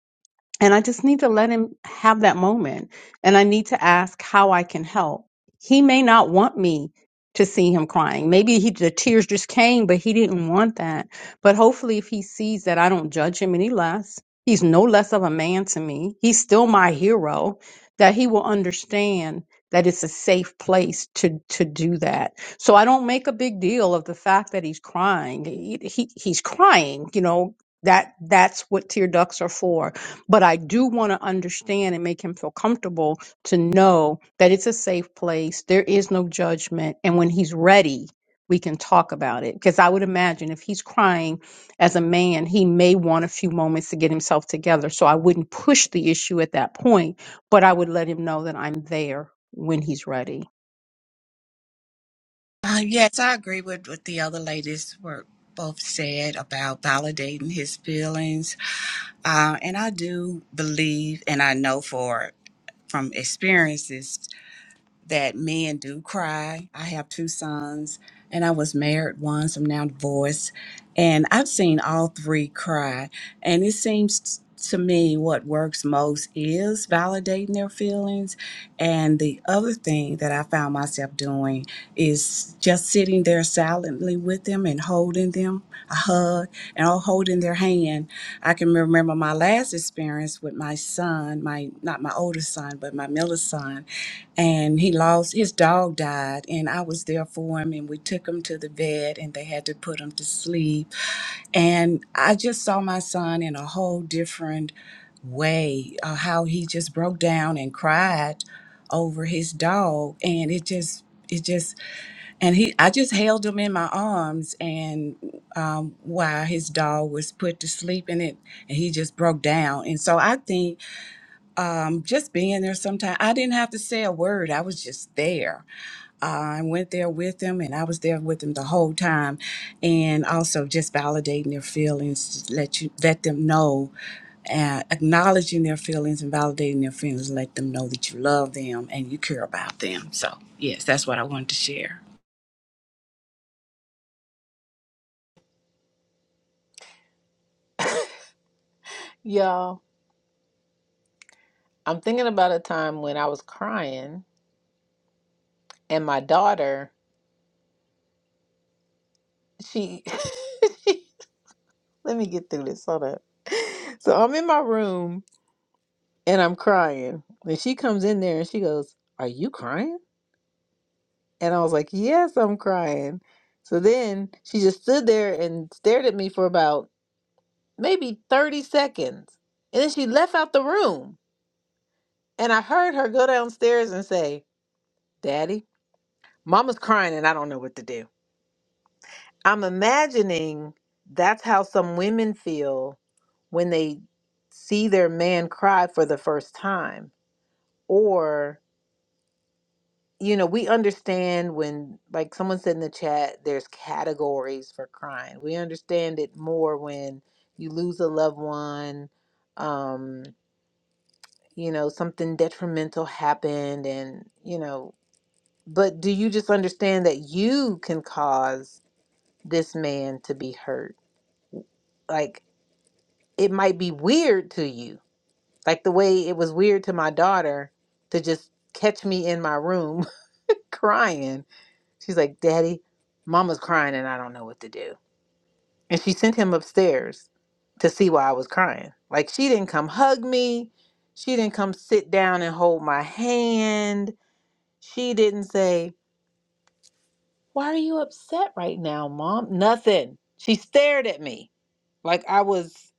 and I just need to let him have that moment. And I need to ask how I can help. He may not want me to see him crying. Maybe he, the tears just came, but he didn't want that. But hopefully, if he sees that I don't judge him any less, he's no less of a man to me, he's still my hero, that he will understand that it's a safe place to to do that. So I don't make a big deal of the fact that he's crying. He, he- he's crying, you know, that that's what tear ducts are for but I do want to understand and make him feel comfortable to know that it's a safe place. There is no judgment. And when he's ready, we can talk about it. Because I would imagine if he's crying as a man, he may want a few moments to get himself together. So I wouldn't push the issue at that point, but I would let him know that I'm there when he's ready.
Uh, yes, I agree with what the other ladies were both said about validating his feelings. Uh, and I do believe, and I know for from experiences that men do cry. I have two sons, and I was married once. I'm now divorced, and I've seen all three cry. And it seems to me what works most is validating their feelings. And the other thing that I found myself doing is just sitting there silently with them and holding them a hug and all holding their hand. I can remember my last experience with my son, my not my oldest son, but my middle son and he lost his dog died and i was there for him and we took him to the vet and they had to put him to sleep and i just saw my son in a whole different way uh, how he just broke down and cried over his dog and it just it just and he i just held him in my arms and um, while his dog was put to sleep in it and he just broke down and so i think um, just being there sometime. I didn't have to say a word. I was just there. I went there with them and I was there with them the whole time. And also just validating their feelings, just let you let them know, uh, acknowledging their feelings and validating their feelings, let them know that you love them and you care about them. So yes, that's what I wanted to share.
Y'all, I'm thinking about a time when I was crying and my daughter, she, let me get through this. Hold up. So I'm in my room and I'm crying. And she comes in there and she goes, Are you crying? And I was like, Yes, I'm crying. So then she just stood there and stared at me for about maybe 30 seconds. And then she left out the room. And I heard her go downstairs and say, Daddy, mama's crying and I don't know what to do. I'm imagining that's how some women feel when they see their man cry for the first time. Or, you know, we understand when, like someone said in the chat, there's categories for crying. We understand it more when you lose a loved one, um, you know, something detrimental happened, and, you know, but do you just understand that you can cause this man to be hurt. Like it might be weird to you. Like the way it was weird to my daughter to just catch me in my room crying. She's like, "Daddy, mama's crying and I don't know what to do." And she sent him upstairs to see why I was crying. Like she didn't come hug me. She didn't come sit down and hold my hand. She didn't say, "Why are you upset right now, mom?" Nothing. She stared at me like I was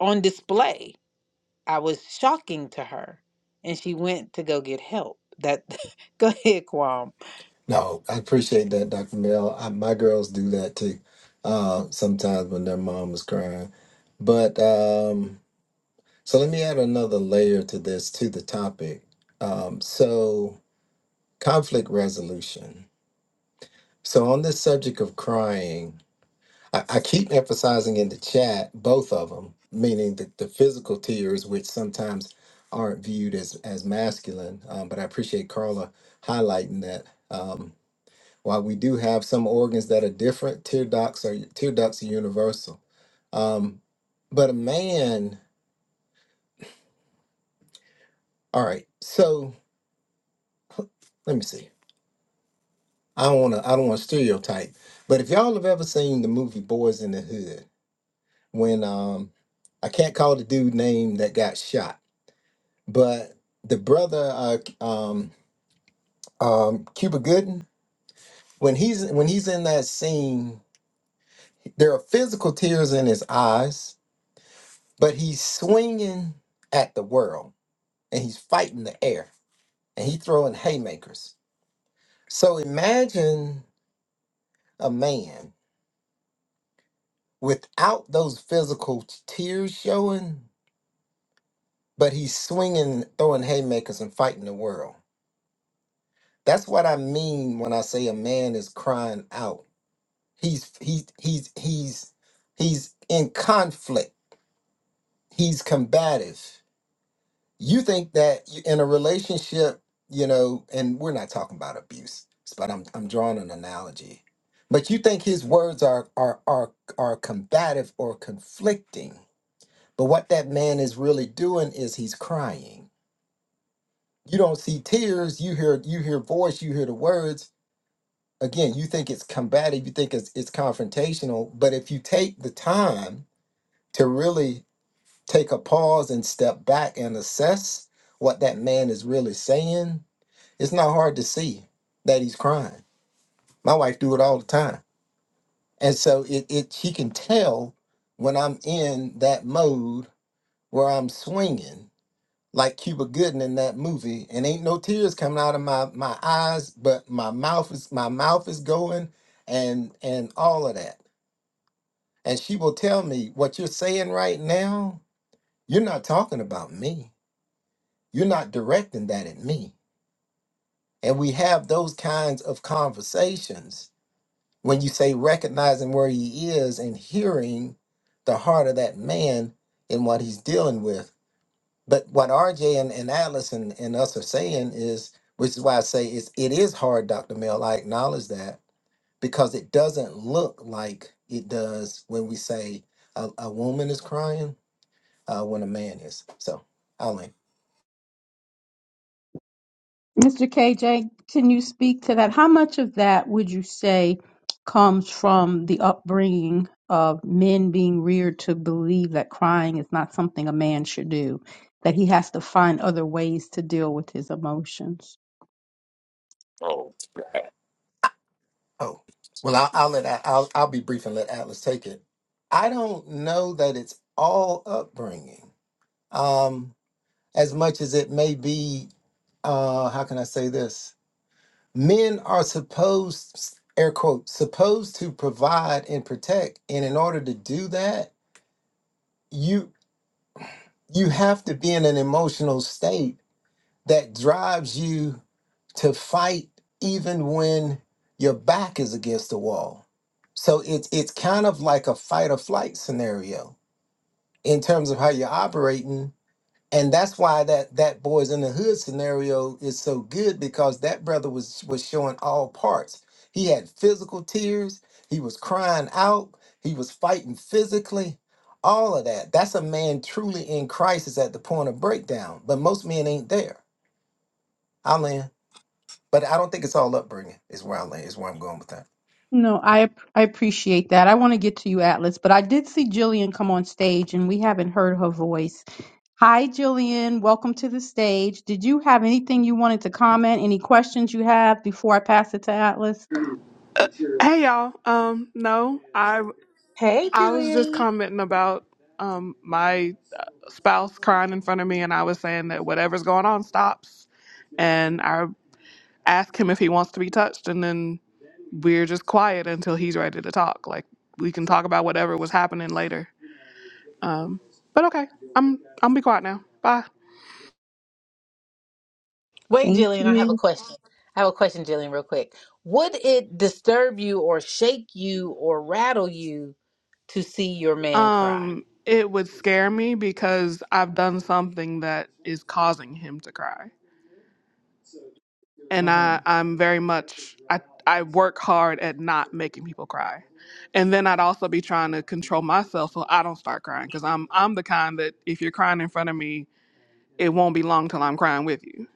on display I was shocking to her, and she went to go get help. That go ahead, Quam.
No, I appreciate that, Dr. Mill. I, my girls do that too uh, sometimes when their mom is crying. But um, so let me add another layer to this, to the topic. Um, so, conflict resolution. So, on this subject of crying, I, I keep emphasizing in the chat both of them, meaning the, the physical tears, which sometimes aren't viewed as as masculine. Um, but I appreciate Carla highlighting that. Um, while we do have some organs that are different, tear ducts are tear ducts are universal. Um, but a man, all right. So let me see. I don't want to. I don't want to stereotype. But if y'all have ever seen the movie Boys in the Hood, when um, I can't call the dude name that got shot but the brother uh um um cuba gooden when he's when he's in that scene there are physical tears in his eyes but he's swinging at the world and he's fighting the air and he's throwing haymakers so imagine a man without those physical t- tears showing but he's swinging throwing haymakers and fighting the world that's what i mean when i say a man is crying out He's he's he's he's he's in conflict. He's combative. You think that you- in a relationship, you know, and we're not talking about abuse, but I'm I'm drawing an analogy. But you think his words are are are are combative or conflicting. But what that man is really doing is he's crying. You don't see tears, you hear you hear voice, you hear the words. Again, you think it's combative, you think it's it's confrontational, but if you take the time to really take a pause and step back and assess what that man is really saying, it's not hard to see that he's crying. My wife do it all the time. And so it, it she can tell when I'm in that mode where I'm swinging like Cuba Gooden in that movie and ain't no tears coming out of my my eyes, but my mouth is my mouth is going and and all of that. And she will tell me what you're saying right now, you're not talking about me You're not directing that at me. And we have those kinds of conversations when you say recognizing where he is and hearing the heart of that man and what he's dealing with. But what RJ and, and Atlas and, and us are saying is, which is why I say it's, it is hard, Dr. Mel. I acknowledge that because it doesn't look like it does when we say a, a woman is crying uh, when a man is. So I'll end.
Mr. KJ, can you speak to that? How much of that would you say comes from the upbringing of men being reared to believe that crying is not something a man should do, that he has to find other ways to deal with his emotions?
Oh,
Oh, well, I'll, I'll let I- I'll I'll be brief and let Atlas take it. I don't know that it's all upbringing, um, as much as it may be. Uh, how can I say this? Men are supposed, air quote, supposed to provide and protect, and in order to do that, you you have to be in an emotional state that drives you to fight even when your back is against the wall. So it's it's kind of like a fight or flight scenario in terms of how you're operating. And that's why that that boys in the hood scenario is so good because that brother was was showing all parts. He had physical tears, he was crying out, he was fighting physically, all of that. That's a man truly in crisis at the point of breakdown. But most men ain't there. i land. But I don't think it's all upbringing. Is where I land. Is where I'm going with that.
No, I ap- I appreciate that. I want to get to you, Atlas, but I did see Jillian come on stage and we haven't heard her voice. Hi, Jillian. Welcome to the stage. Did you have anything you wanted to comment? Any questions you have before I pass it to Atlas?
Hey y'all. Um no, I
Hey,
I was just
Jillian.
commenting about um my uh, spouse crying in front of me and I was saying that whatever's going on stops and I ask him if he wants to be touched and then we're just quiet until he's ready to talk. Like we can talk about whatever was happening later. Um but okay. I'm I'm be quiet now. Bye.
Wait,
Thank
Jillian, I have a
you.
question. I have a question, Jillian, real quick. Would it disturb you or shake you or rattle you to see your man cry?
Um it would scare me because I've done something that is causing him to cry. and
Mm-hmm.
I I'm very much I I work hard at not making people cry. And then I'd also be trying to control myself so I don't start crying cuz I'm I'm the kind that if you're crying in front of me, it won't be long till I'm crying with you.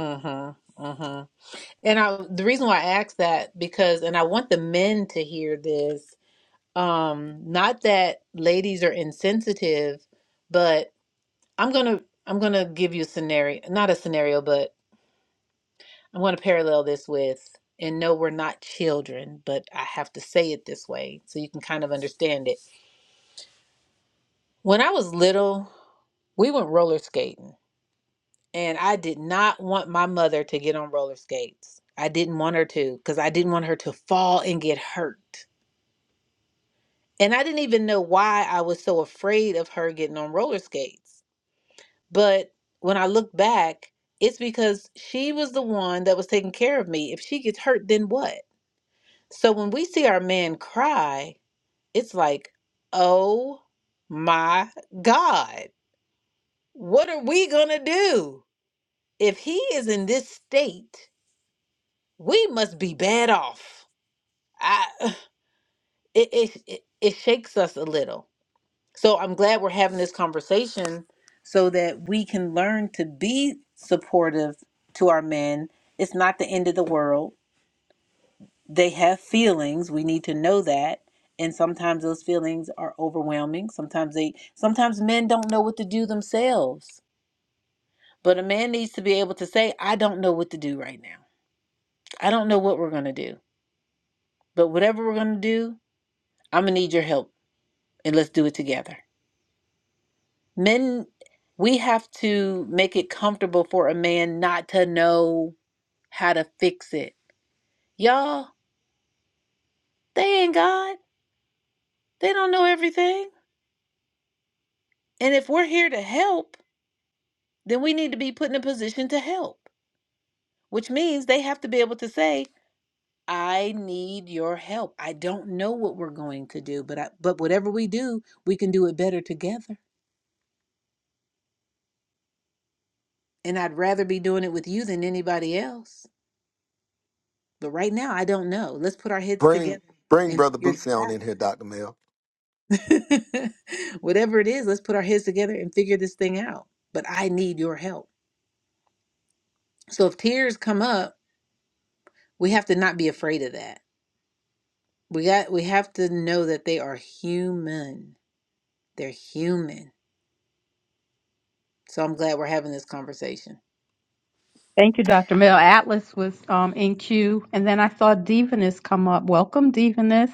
Mm-hmm. Mm-hmm. And I the reason why I ask that because and I want the men to hear this. Um, not that ladies are insensitive, but. I'm gonna I'm gonna give you a scenario, not a scenario, but I'm gonna parallel this with, and no, we're not children, but I have to say it this way so you can kind of understand it. When I was little, we went roller skating, and I did not want my mother to get on roller skates. I didn't want her to because I didn't want her to fall and get hurt. And I didn't even know why I was so afraid of her getting on roller skates. But when I look back, it's because she was the one that was taking care of me. If she gets hurt, then what? So when we see our man cry, it's like, oh my God, what are we going to do? If he is in this state, we must be bad off. I, it, it, it, it shakes us a little So I'm glad we're having this conversation so that we can learn to be supportive to our men. It's not the end of the world. They have feelings. We need to know that. And sometimes those feelings are overwhelming. Sometimes they sometimes men don't know what to do themselves. But a man needs to be able to say, I don't know what to do right now. I don't know what we're going to do. But whatever we're going to do, I'm going to need your help and let's do it together. Men, we have to make it comfortable for a man not to know how to fix it. Y'all, they ain't God. They don't know everything. And if we're here to help, then we need to be put in a position to help, which means they have to be able to say, I need your help. I don't know what we're going to do, but I, but whatever we do, we can do it better together. And I'd rather be doing it with you than anybody else. But right now, I don't know. Let's put our heads together
Bring, bring
and figure this out.
Dr. Mill.
Whatever it is, let's put our heads together and figure this thing out. But I need your help. So if tears come up, we have to not be afraid of that. We got we have to know that they are human. They're human. So I'm glad we're having this conversation.
Thank you, Dr. Mill. Atlas was um, in queue, and then I saw Divinus come up. Welcome, Divinus.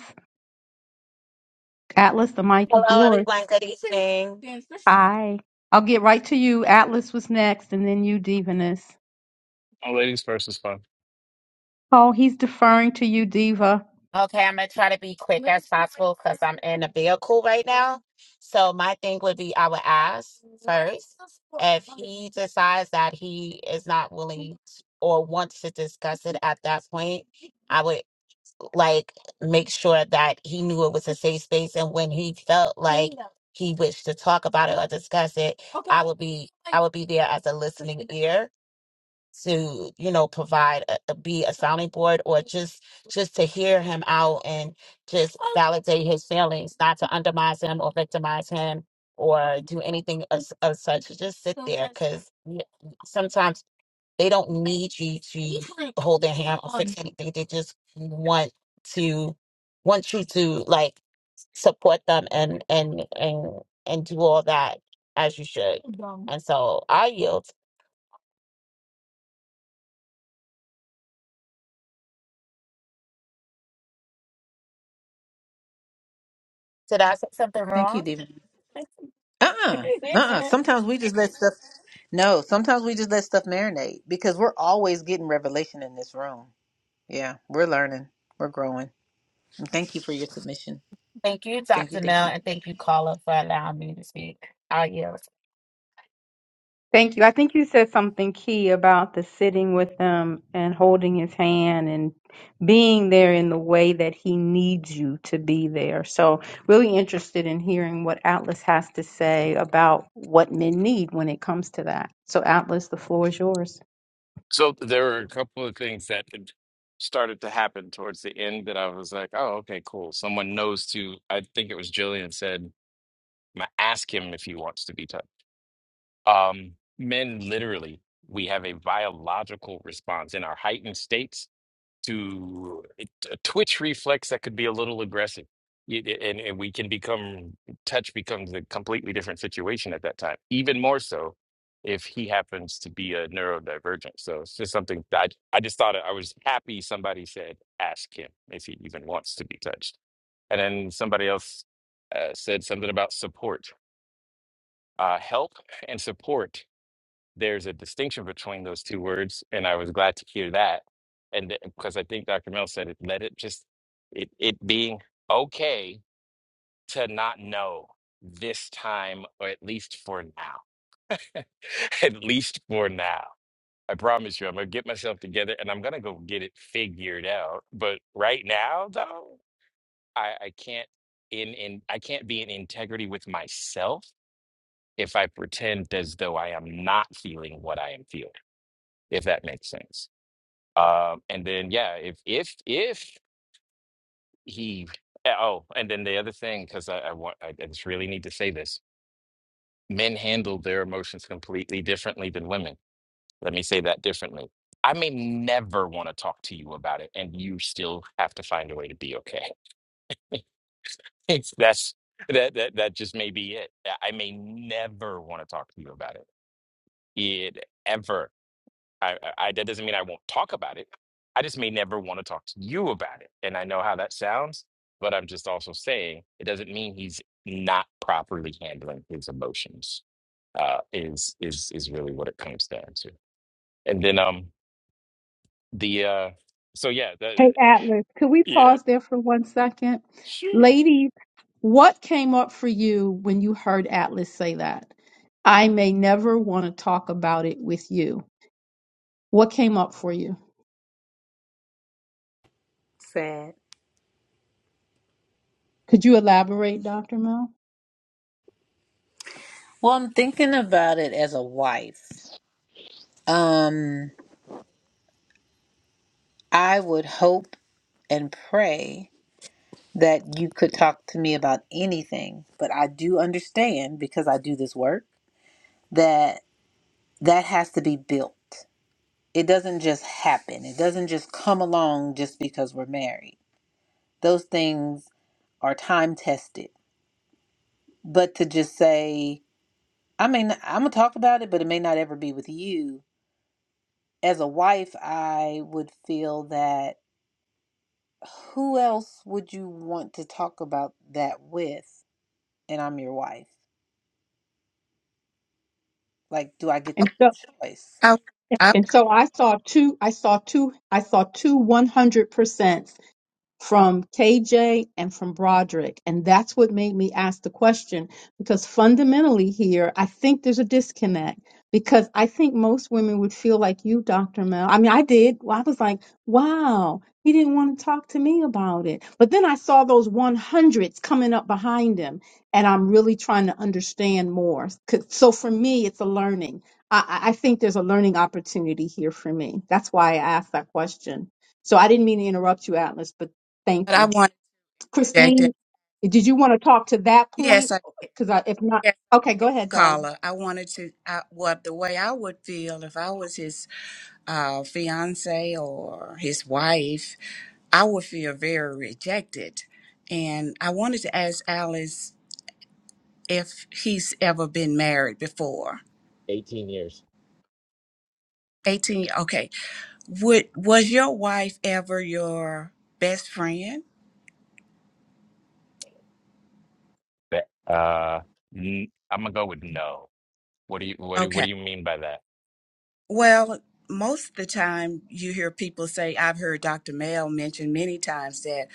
Atlas, the mic is
Hello,
yours.
everyone. Good evening.
Hi. I'll get right to you. Atlas was next, and then you, Divinus.
oh ladies first is fun.
Oh, he's deferring to you, Diva.
Okay, I'm gonna try to be quick as possible because I'm in a vehicle right now. So my thing would be, I would ask first if he decides that he is not willing t- or wants to discuss it at that point. I would like make sure that he knew it was a safe space, and when he felt like he wished to talk about it or discuss it, I would be I would be there as a listening ear to you know provide a, a- be a sounding board or just just to hear him out and just validate his feelings not to undermine him or victimize him or do anything of, of such just sit there because sometimes they don't need you to hold their hand or fix anything they just want to want you to like support them and and and and do all that as you should and so i yield did i say something
Thank
wrong
you, Diva. Uh-uh. Uh-uh. Sometimes we just let stuff no, sometimes we just let stuff marinate because we're always getting revelation in this room. Yeah, we're learning. We're growing. And thank you for your submission.
Thank you,
Thank you,
Dr.
thank
Mel,
you.
and thank you, Carla, for allowing me to speak. I yield.
Thank you. I think you said something key about the sitting with him and holding his hand and being there in the way that he needs you to be there. So, really interested in hearing what Atlas has to say about what men need when it comes to that. So, Atlas, the floor is yours.
So there were a couple of things that had started to happen towards the end that I was like, oh, okay, cool. Someone knows to, I think it was Jillian said, "Ma- ask him if he wants to be touched. Um, men literally, we have a biological response in our heightened states to a twitch reflex that could be a little aggressive. It- it- and, and we can become, touch becomes a completely different situation at that time, even more so if he happens to be a neurodivergent. So it's just something that I, I just thought I was happy somebody said, ask him if he even wants to be touched. And then somebody else uh, said something about support. Uh, help and support there's a distinction between those two words, and I was glad to hear that. And th- because I think Dr. Mel said it, let it just it it being okay to not know this time, or at least for now. at least for now. I promise you, I'm gonna get myself together and I'm gonna go get it figured out. But right now, though, I, I can't in in I can't be in integrity with myself if I pretend as though I am not feeling what I am feeling, if that makes sense. Um, and then yeah, if if if he eh, oh, and then the other thing because I, I want I, I just really need to say this: men handle their emotions completely differently than women. Let me say that differently. I may never want to talk to you about it, and you still have to find a way to be okay. It's- That's that that that just may be it. I I may never want to talk to you about it, it ever. I, I that doesn't mean I won't talk about it. I just may never want to talk to you about it. And I know how that sounds, but I'm just also saying it doesn't mean he's not properly handling his emotions. Uh, is is is really what it comes down to. And then um the uh so yeah the
Hey, Atlas, could we
yep
pause there for one second?
sure.
Ladies, what came up for you when you heard Atlas say that? I may never want to talk about it with you. What came up for you?
Sad.
Could you elaborate, Dr. Mel?
Well, I'm thinking about it as a wife. Um, I would hope and pray that you could talk to me about anything, but I do understand because I do this work that that has to be built. It doesn't just happen. It doesn't just come along just because we're married. Those things are time tested. But to just say, I mean, I'm gonna talk about it, but it may not ever be with you. As a wife, I would feel that who else would you want to talk about that with? And I'm your wife. Like, do I get the
And so,
choice?
and so I saw two, I saw two, I saw two 100%. from KJ and from Broderick. And that's what made me ask the question because fundamentally here, I think there's a disconnect because I think most women would feel like you, Dr. Mel. I mean, I did. I was like, wow, he didn't want to talk to me about it. But then I saw those 100s coming up behind him and I'm really trying to understand more. 'Cause- So for me, it's a learning. I, I I think there's a learning opportunity here for me. That's why I asked that question. So I didn't mean to interrupt you, Atlas, but
But
Thank
I
you.
wanted to interject and-
Christine, did you want to talk to that
yes,
point?
I
Because I, if not,
yes,
okay, go ahead, darling.
caller. I wanted to I, what the way I would feel if I was his uh, fiance or his wife, I would feel very rejected. And I wanted to ask Alice if he's ever been married before.
Eighteen years.
18, okay. Would, was your wife ever your best friend?
But, Uh, n- I'm gonna go with no. What do you what do what
Okay.
do you mean by that?
Well, most of the time you hear people say, I've heard Dr. Mel mention many times that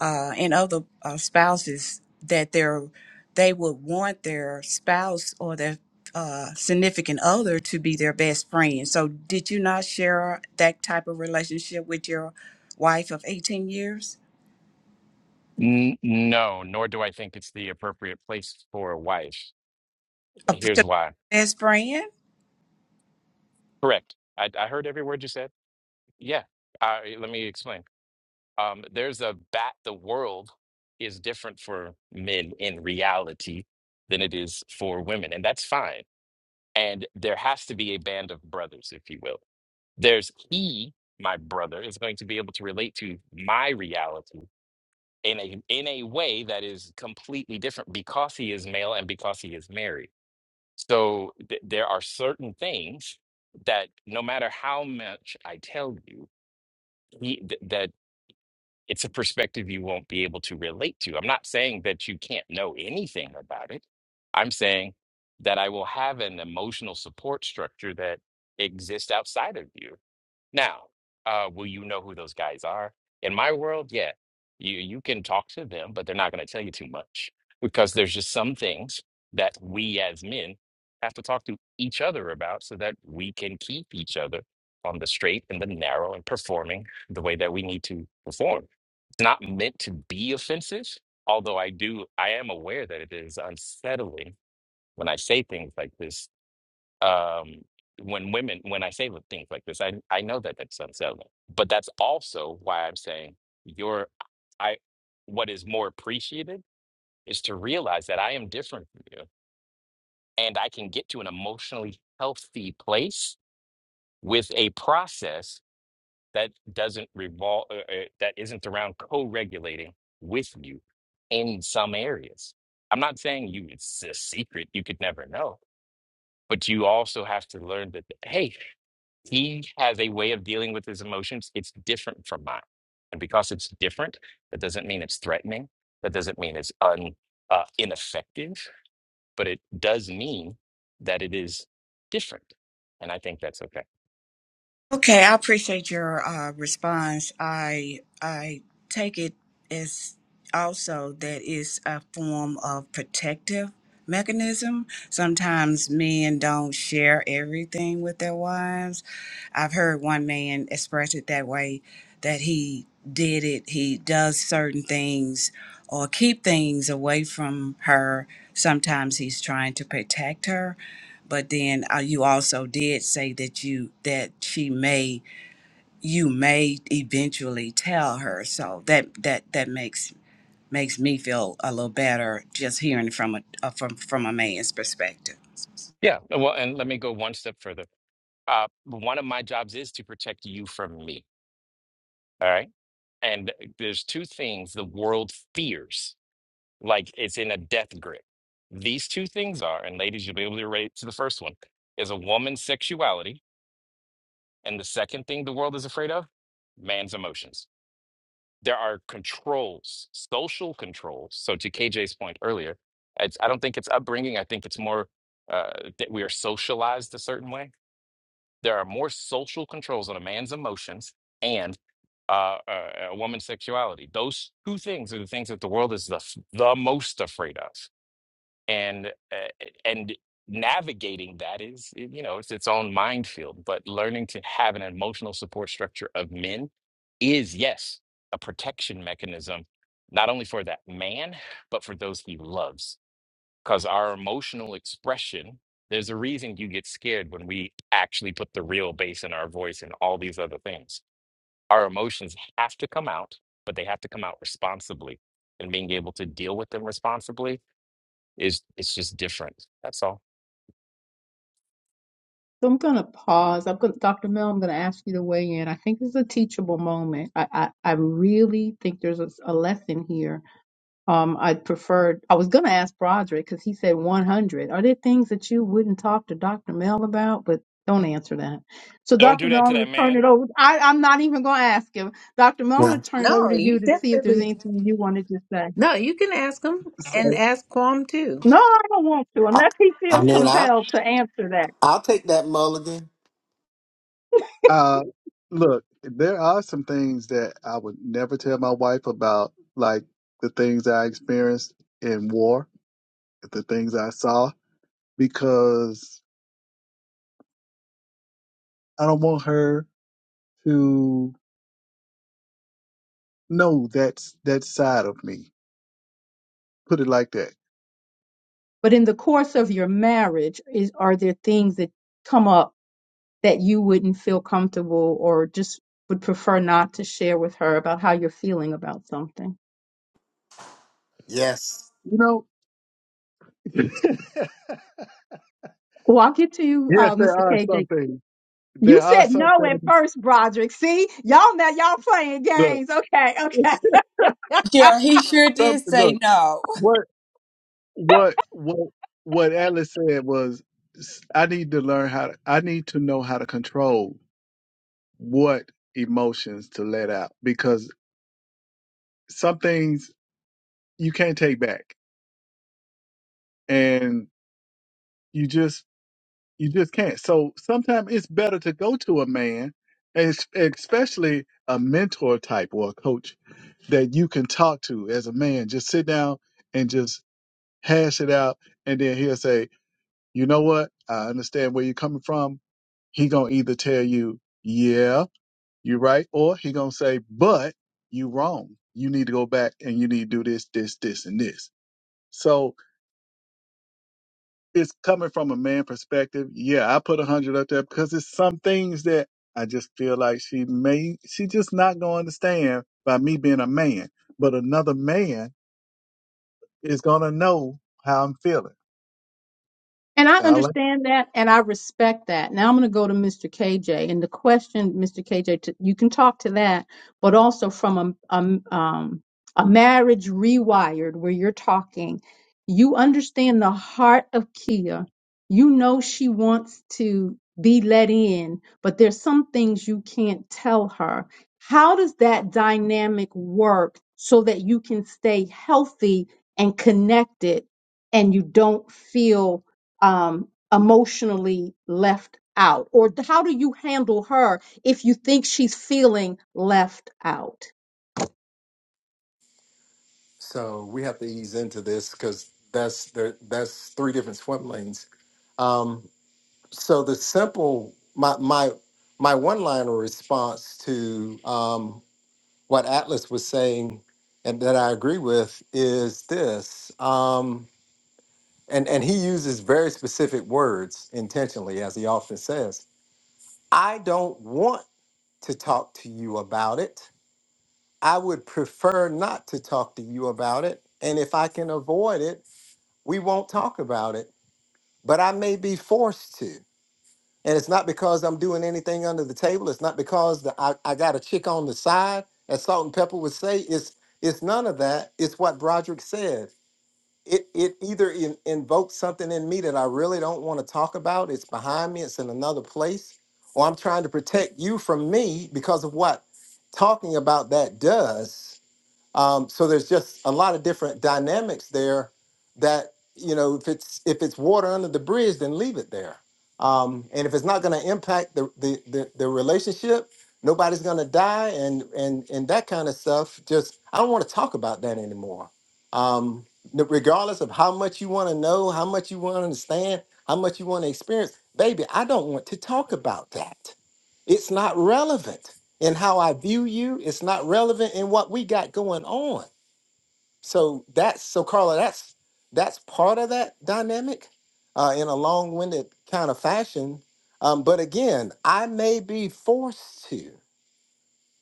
uh, and other uh, spouses that they're, they would want their spouse or their uh, significant other to be their best friend. So, did you not share that type of relationship with your wife of 18 years?
N- no, nor do I think it's the appropriate place for a wife.
A p-
Here's why.
best friend?
Correct. I, I heard every word you said. Yeah. I, let me explain. Um, there's a bat. The world is different for men in reality than it is for women, and that's fine. And there has to be a band of brothers, if you will. There's he, my brother, is going to be able to relate to my reality in a in a way that is completely different because he is male and because he is married. So th- there are certain things that no matter how much I tell you, he, th- that it's a perspective you won't be able to relate to. I'm not saying that you can't know anything about it. I'm saying that I will have an emotional support structure that exists outside of you. Now, uh, will you know who those guys are? In my world, yeah, you you can talk to them, but they're not going to tell you too much because there's just some things that we as men have to talk to each other about so that we can keep each other on the straight and the narrow and performing the way that we need to perform. It's not meant to be offensive, although I do I am aware that it is unsettling when I say things like this um, when women, when I say things like this, I, I know that that's unsettling, but that's also why I'm saying your, I, what is more appreciated is to realize that I am different from you and I can get to an emotionally healthy place with a process that doesn't revolve, uh, uh, that isn't around co-regulating with you in some areas. I'm not saying you, it's a secret, you could never know, but you also have to learn that, hey, he has a way of dealing with his emotions. It's different from mine. And because it's different, that doesn't mean it's threatening. That doesn't mean it's un, uh, ineffective, but it does mean that it is different. And I think that's okay.
Okay, I appreciate your uh, response. I I take it as also that it's a form of protective mechanism. Sometimes men don't share everything with their wives, I've heard one man express it that way that he did it, he does certain things or keep things away from her. Sometimes he's trying to protect her. But then uh, you also did say that you that she may you may eventually tell her. So that that that makes makes me feel a little better just hearing from a uh, from from a man's perspective.
Yeah. Well, and let me go one step further. Uh, one of my jobs is to protect you from me. All right. And uh, there's two things the world fears. like it's in a death grip. These two things are, and ladies, you'll be able to relate to the first one, is a woman's sexuality. And the second thing the world is afraid of, man's emotions. There are controls, social controls. So to KJ's point earlier, it's, I don't think it's upbringing. I think it's more uh, that we are socialized a certain way. There are more social controls on a man's emotions and uh, uh, a woman's sexuality. Those two things are the things that the world is the, f- the most afraid of and uh, and navigating that is you know it's its own minefield but learning to have an emotional support structure of men is yes a protection mechanism not only for that man but for those he loves because our emotional expression there's a reason you get scared when we actually put the real bass in our voice and all these other things our emotions have to come out but they have to come out responsibly and being able to deal with them responsibly it's it's just different. That's all.
So I'm going to pause. I'm going, Dr. Mel, I'm going to ask you to weigh in. I think this is a teachable moment. I, I, I really think there's a, a lesson here. Um, I preferred, I was going to ask Broderick because he said 100. Are there things that you wouldn't talk to Dr. Mel about? But don't answer that. So
Don't
Dr.
do
Mel,
that
I'm
to that
going to turn it
man.
over. I, I'm not even going to ask him. Dr. Mel, I'm going
Well,
to turn it over
No,
to
you
you to see if there's
definitely.
anything you wanted to say.
No, you can ask him
So
and ask Quam too.
No, I don't want to, unless he
I
feels
mean, I
compelled to answer that.
Mulligan.
Uh, look, there are some things that I would never tell my wife about, like the things I experienced in war, the things I saw, because I don't want her to know that's that side of me. Put it like that.
But in the course of your marriage, is are there things that come up that you wouldn't feel comfortable or just would prefer not to share with her about how you're feeling about something?
Yes.
You know, yes,
Well, I'll get to you, uh,
there
Mr.
are some
KJ.
things.
You
There are
said
some
no at
things.
first, Broderick. See, y'all now y'all playing
Look,
games. Okay, okay.
Yeah, he sure
some,
did say
look,
no.
what, what, what, what Alice said was, s- I need to learn how to, I need to know how to control what emotions to let out because some things you can't take back and you just you just can't so sometimes it's better to go to a man es- especially a mentor type or a coach that you can talk to as a man just sit down and just hash it out and then he'll say you know what i understand where you're coming from he gonna either tell you yeah You right? Or he gonna say, but you wrong. You need to go back and you need to do this, this, this, and this. So it's coming from a man perspective. Yeah, I put a hundred up there because it's some things that I just feel like she may she just not gonna understand by me being a man. But another man is gonna know how I'm feeling.
And I understand that and I respect that. Now I'm going to go to Mr. KJ. And the question, Mr. KJ, to, you can talk to that, but also from a, a, um, a marriage rewired where you're talking, you understand the heart of Kia. You know she wants to be let in, but there's some things you can't tell her. How does that dynamic work so that you can stay healthy and connected and you don't feel? um, emotionally left out? Or d- how do you handle her if you think she's feeling left out?
So we have to ease into this because that's there, that's three different swim lanes. Um, so the simple my my my one liner response to um, what Atlas was saying and that I agree with is this. Um, and, and he uses very specific words intentionally, as he often says. I don't want to talk to you about it. I would prefer not to talk to you about it. And if I can avoid it, we won't talk about it. But I may be forced to. And it's not because I'm doing anything under the table. It's not because the, I, I got a chick on the side, as Salt and Pepper would say. It's it's none of that. It's what Broderick said it it either in, invokes something in me that I really don't want to talk about. It's behind me. It's in another place, or I'm trying to protect you from me because of what talking about that does. Um, so there's just a lot of different dynamics there that you know if it's if it's water under the bridge, then leave it there. Um, and if it's not going to impact the, the the the relationship, nobody's going to die, and and and that kind of stuff. Just I don't want to talk about that anymore. Um, n- regardless of how much you want to know, how much you want to understand, how much you want to experience, baby, I don't want to talk about that. It's not relevant in how I view you. It's not relevant in what we got going on. So that's so Carla, that's that's part of that dynamic uh, in a long-winded kind of fashion. Um, but again, I may be forced to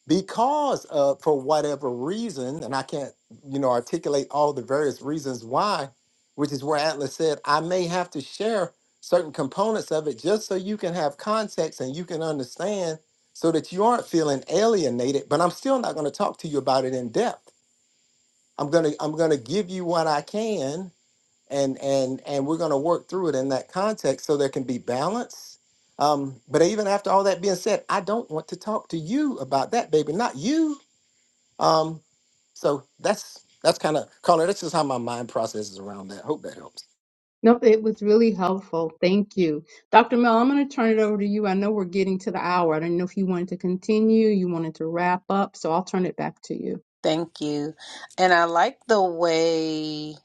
because uh, for whatever reason, and I can't, you know, articulate all the various reasons why, which is where Atlas said, I may have to share certain components of it just so you can have context and you can understand so that you aren't feeling alienated, but I'm still not going to talk to you about it in depth. I'm going to I'm going to give you what I can and and and we're going to work through it in that context so there can be balance. Um, but even after all that being said, I don't want to talk to you about that, baby, not you um, so that's that's kind of Carla. That's just how my mind processes around that. Hope that helps.
Nope, it was really helpful. Thank you. Dr. Mel, I'm going to turn it over to you. I know we're getting to the hour. I don't know if you wanted to continue, you wanted to wrap up, so I'll turn it back to you.
Thank you. And I like the way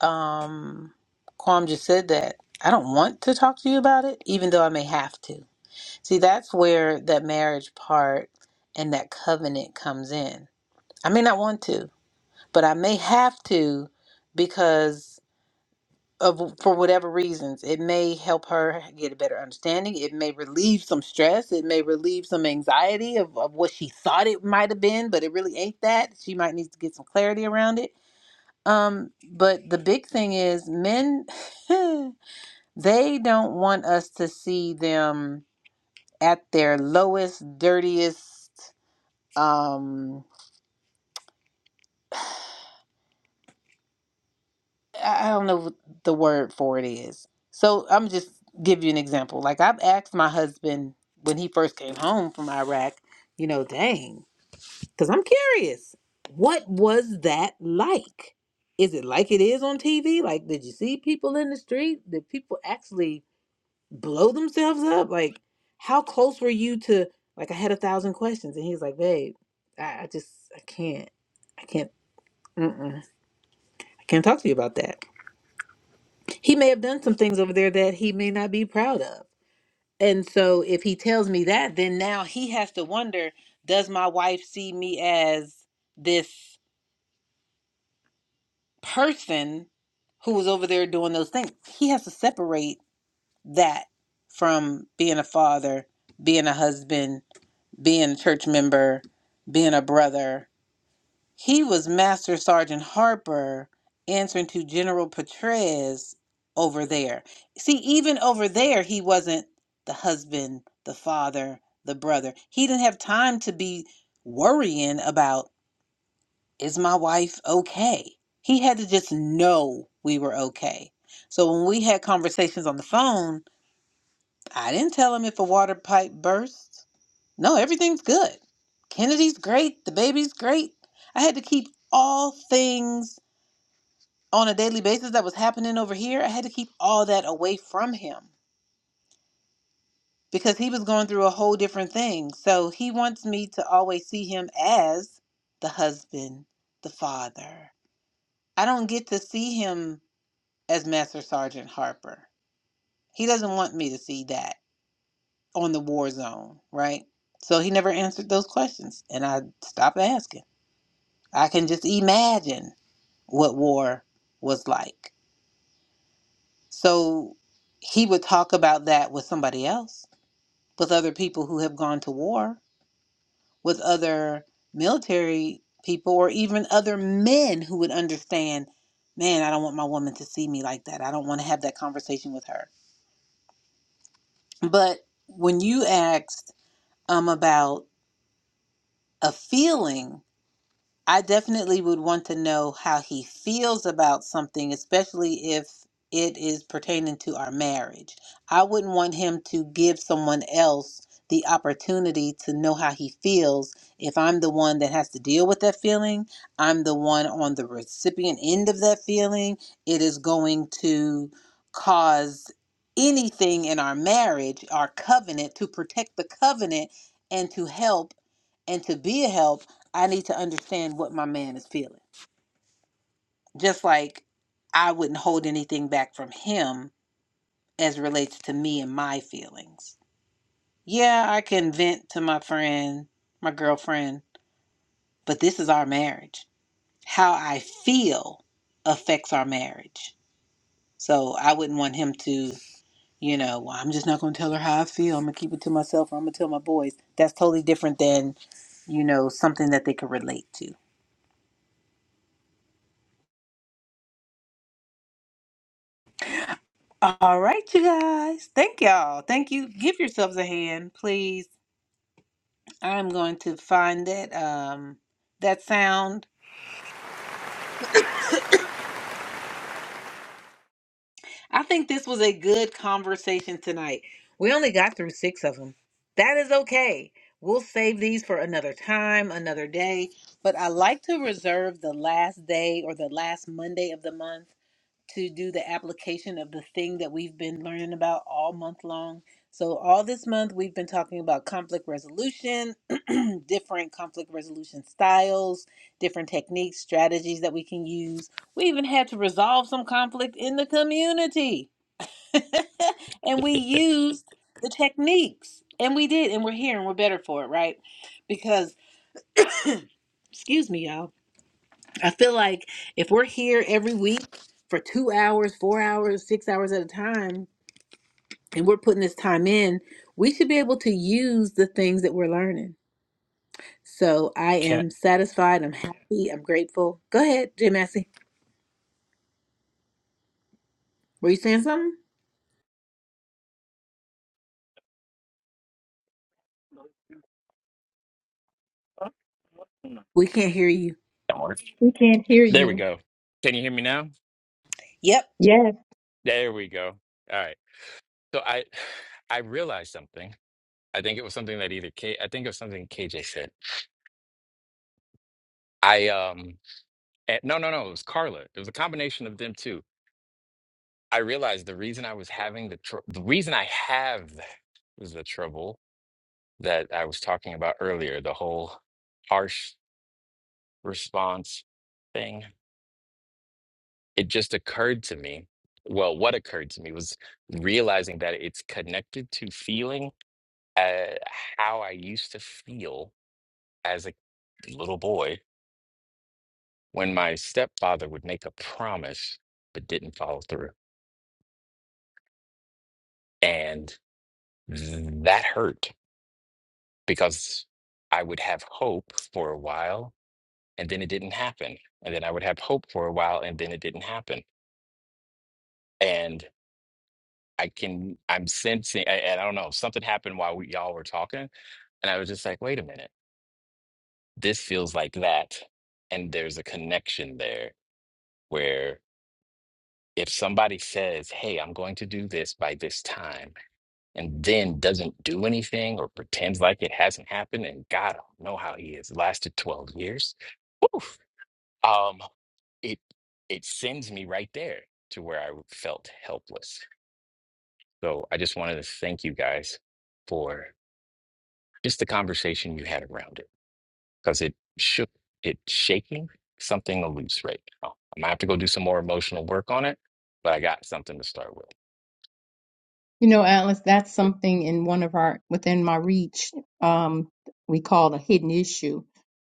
um Quam just said that. I don't want to talk to you about it, even though I may have to. See, that's where that marriage part and that covenant comes in. I may not want to, but I may have to because of for whatever reasons it may help her get a better understanding it may relieve some stress it may relieve some anxiety of, of what she thought it might have been but it really ain't that she might need to get some clarity around it um but the big thing is men they don't want us to see them at their lowest dirtiest um. I I don't know what the word for it is. So I'm just give you an example. Like I've asked my husband when he first came home from Iraq, you know, dang, because I'm curious, what was that like? Is it like it is on TV? Like, did you see people in the street? Did people actually blow themselves up? Like, how close were you to? Like, I had a thousand questions, and he was like, "Babe, I, I just, I can't, I can't, mm-mm, I can't talk to you about that." he may have done some things over there that he may not be proud of. And so if he tells me that, then now he has to wonder does my wife see me as this person who was over there doing those things? He has to separate that from being a father, being a husband, being a church member, being a brother, He was Master Sergeant Harper answering to General Petraeus over there. See, even over there, he wasn't the husband, the father, the brother. He didn't have time to be worrying about, is my wife okay? He had to just know we were okay. So when we had conversations on the phone, I didn't tell him if a water pipe burst. No, everything's good. Kennedy's great. The baby's great. I had to keep all things on a daily basis that was happening over here. I had to keep all that away from him because he was going through a whole different thing. So he wants me to always see him as the husband, the father. I don't get to see him as Master Sergeant Harper. He doesn't want me to see that on the war zone, right? So he never answered those questions, and I stopped asking. I can just imagine what war was like. So he would talk about that with somebody else, with other people who have gone to war, with other military people, or even other men who would understand man, I don't want my woman to see me like that. I don't want to have that conversation with her. But when you asked um, about a feeling, I definitely would want to know how he feels about something, especially if it is pertaining to our marriage. I wouldn't want him to give someone else the opportunity to know how he feels if I'm the one that has to deal with that feeling. I'm the one on the recipient end of that feeling. It is going to cause anything in our marriage, our covenant, to protect the covenant and to help. And to be a help, I need to understand what my man is feeling. Just like I wouldn't hold anything back from him as it relates to me and my feelings. Yeah, I can vent to my friend, my girlfriend, but this is our marriage. How I feel affects our marriage. So I wouldn't want him to, you know, well, I'm just not going to tell her how I feel. I'm going to keep it to myself or I'm going to tell my boys. That's totally different than, you know, something that they could relate to. All right, you guys. Thank y'all. Thank you. Give yourselves a hand, please. I'm going to find that um that sound. I think this was a good conversation tonight. We only got through 6 of them. That is okay. We'll save these for another time, another day, but I like to reserve the last day or the last Monday of the month to do the application of the thing that we've been learning about all month long. So, all this month, we've been talking about conflict resolution, different conflict resolution styles, different techniques, strategies that we can use. We even had to resolve some conflict in the community. and we used the techniques. And we did. And we're here and we're better for it, right? Because, excuse me, y'all I feel like if we're here every week for two hours, four hours, six hours at a time, and we're putting this time in, we should be able to use the things that we're learning. So I
Can
am satisfied. I'm happy. I'm grateful. Go ahead, Jay Massey. Were you saying something?
Don't
We can't hear you.
worry.
We can't hear
There we
you.
go. Can you hear me now?
Yep.
Yes.
There we go. All right. So I I realized something. I think it was something that either K I think it was something KJ said. I um eh, no no no, it was Carla. It was a combination of them two. I realized the reason I was having the tr- the reason I have the trouble that I was talking about earlier, the whole harsh response thing, it just occurred to me. Well, what occurred to me was realizing that it's connected to feeling uh, how I used to feel as a little boy when my stepfather would make a promise but didn't follow through. And that hurt because I would have hope for a while and then it didn't happen. And then I would have hope for a while and then it didn't happen. and. I can I'm sensing I, and I don't know something happened while we, y'all were talking and I was just like wait a minute this feels like that and there's a connection there where if somebody says hey I'm going to do this by this time and then doesn't do anything or pretends like it hasn't happened and God I don't know how he has lasted 12 years woof, um it it sends me right there to where I felt helpless so I just wanted to thank you guys for. just the conversation you had around it because it shook it shaking something loose right now i'm gonna have to go do some more emotional work on it but i got something to start with
You know, Atlas, that's something in one of our, within my reach, um, we call it a hidden issue.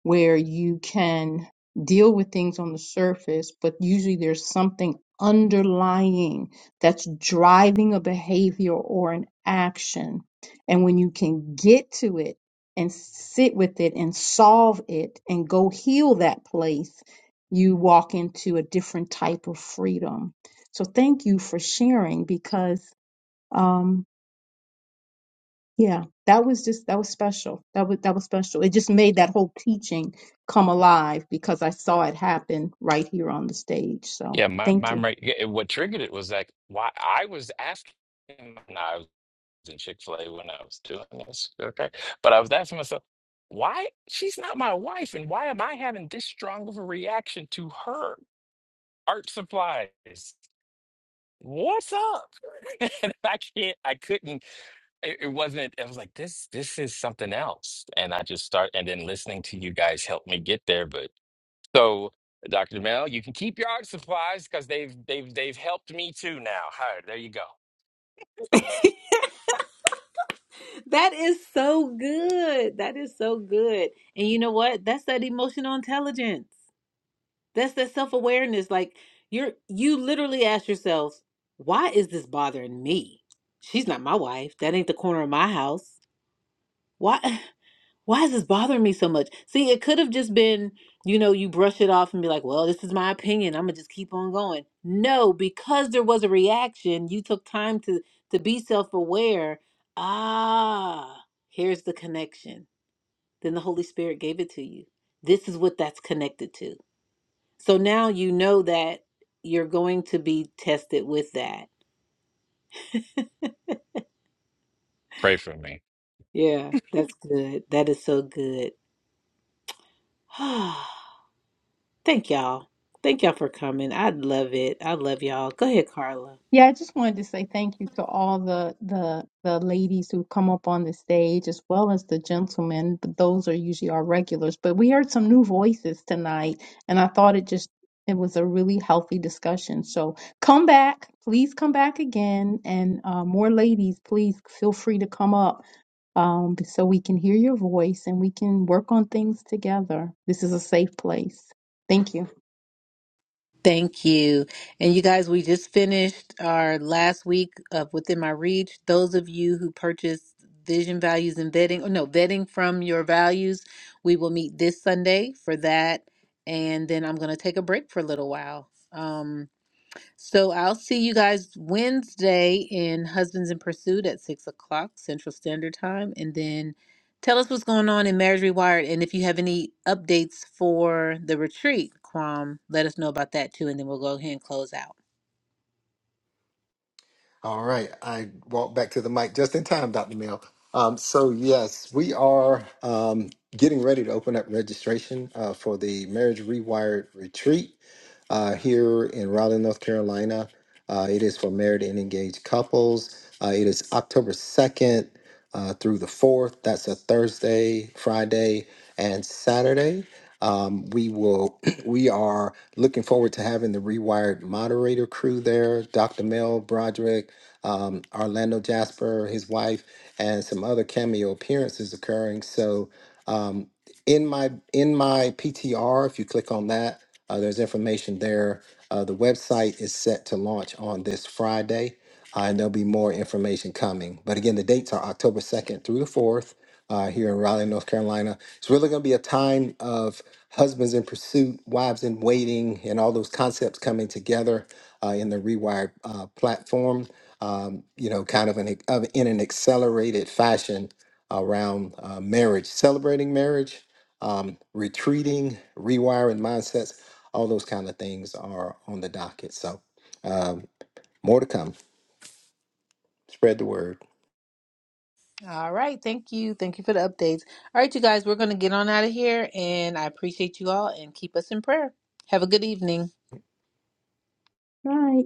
where you can deal with things on the surface, but usually there's something underlying that's driving a behavior or an action. And when you can get to it and sit with it and solve it and go heal that place, you walk into a different type of freedom. So thank you for sharing because um, yeah, that was just that was special. That was that was special. It just made that whole teaching come alive because I saw it happen right here on the stage. So
yeah my,
thank you.
mine right yeah, and what triggered it was like why i was asking when i was in chick-fil-a when i was doing this okay but i was asking myself why she's not my wife and why am i having this strong of a reaction to her art supplies. What's up? and I can't, I couldn't, it, it wasn't, I was like, this, this is something else. And I just start, and then listening to you guys helped me get there. But so, Dr. Mel, you can keep your art supplies because they've, they've, they've helped me too now. Hi, there you go.
That is so good. That is so good. And you know what? That's that emotional intelligence. That's that self-awareness. Like you're you literally ask yourselves, why is this bothering me? She's not my wife. That ain't the corner of my house. Why why is this bothering me so much? See, it could have just been, you know, you brush it off and be like, well, this is my opinion. I'm gonna just keep on going. No, because there was a reaction, you took time to to be self-aware. Ah, here's the connection. Then the Holy Spirit gave it to you. This is what that's connected to so now you know that you're going to be tested with that.
Pray for me.
Yeah, that's good. That is so good. Thank y'all. Thank y'all for coming. I love it. I love y'all. Go ahead, Carla.
Yeah, I just wanted to say thank you to all the the the ladies who come up on the stage as well as the gentlemen, but those are usually our regulars. But we heard some new voices tonight, and I thought it just it was a really healthy discussion. So come back, please come back again, and uh, more ladies, please feel free to come up um, so we can hear your voice and we can work on things together. This is a safe place. Thank you.
Thank you. And you guys, we just finished our last week of Within My Reach. Those of you who purchased Vision Values and Vetting, or no, Vetting from Your Values, we will meet this Sunday for that. And then I'm going to take a break for a little while. Um, So I'll see you guys Wednesday in Husbands in Pursuit at six o'clock Central Standard Time. And then tell us what's going on in Marriage Rewired. And if you have any updates for the retreat, Kwam, let us know about that too. And then we'll go ahead and close out.
All right. I walked back to the mic just in time, Dr. Mill. Um, so, yes, we are um, getting ready to open up registration uh, for the Marriage Rewired Retreat. uh, here in Raleigh, North Carolina. Uh, it is for married and engaged couples. Uh, it is October 2nd uh, through the 4th. That's a Thursday, Friday, and Saturday. Um, we will. We are looking forward to having the Rewired moderator crew there. Dr. Mel Broderick, um, Orlando Jasper, his wife, and some other cameo appearances occurring. So, um, in my in my PTR, if you click on that, uh, there's information there. Uh, the website is set to launch on this Friday, uh, and there'll be more information coming. But again, the dates are October 2nd through the 4th uh, here in Raleigh, North Carolina. It's really going to be a time of husbands in pursuit, wives in waiting, and all those concepts coming together uh, in the Rewired uh, platform. Um, you know, kind of an of, in an accelerated fashion around uh, marriage, celebrating marriage, um, retreating, rewiring mindsets all those kind of things are on the docket. So um, more to come. Spread the word.
All right. Thank you. Thank you for the updates. All right, you guys, we're going to get on out of here. And I appreciate you all and keep us in prayer. Have a good evening.
Bye.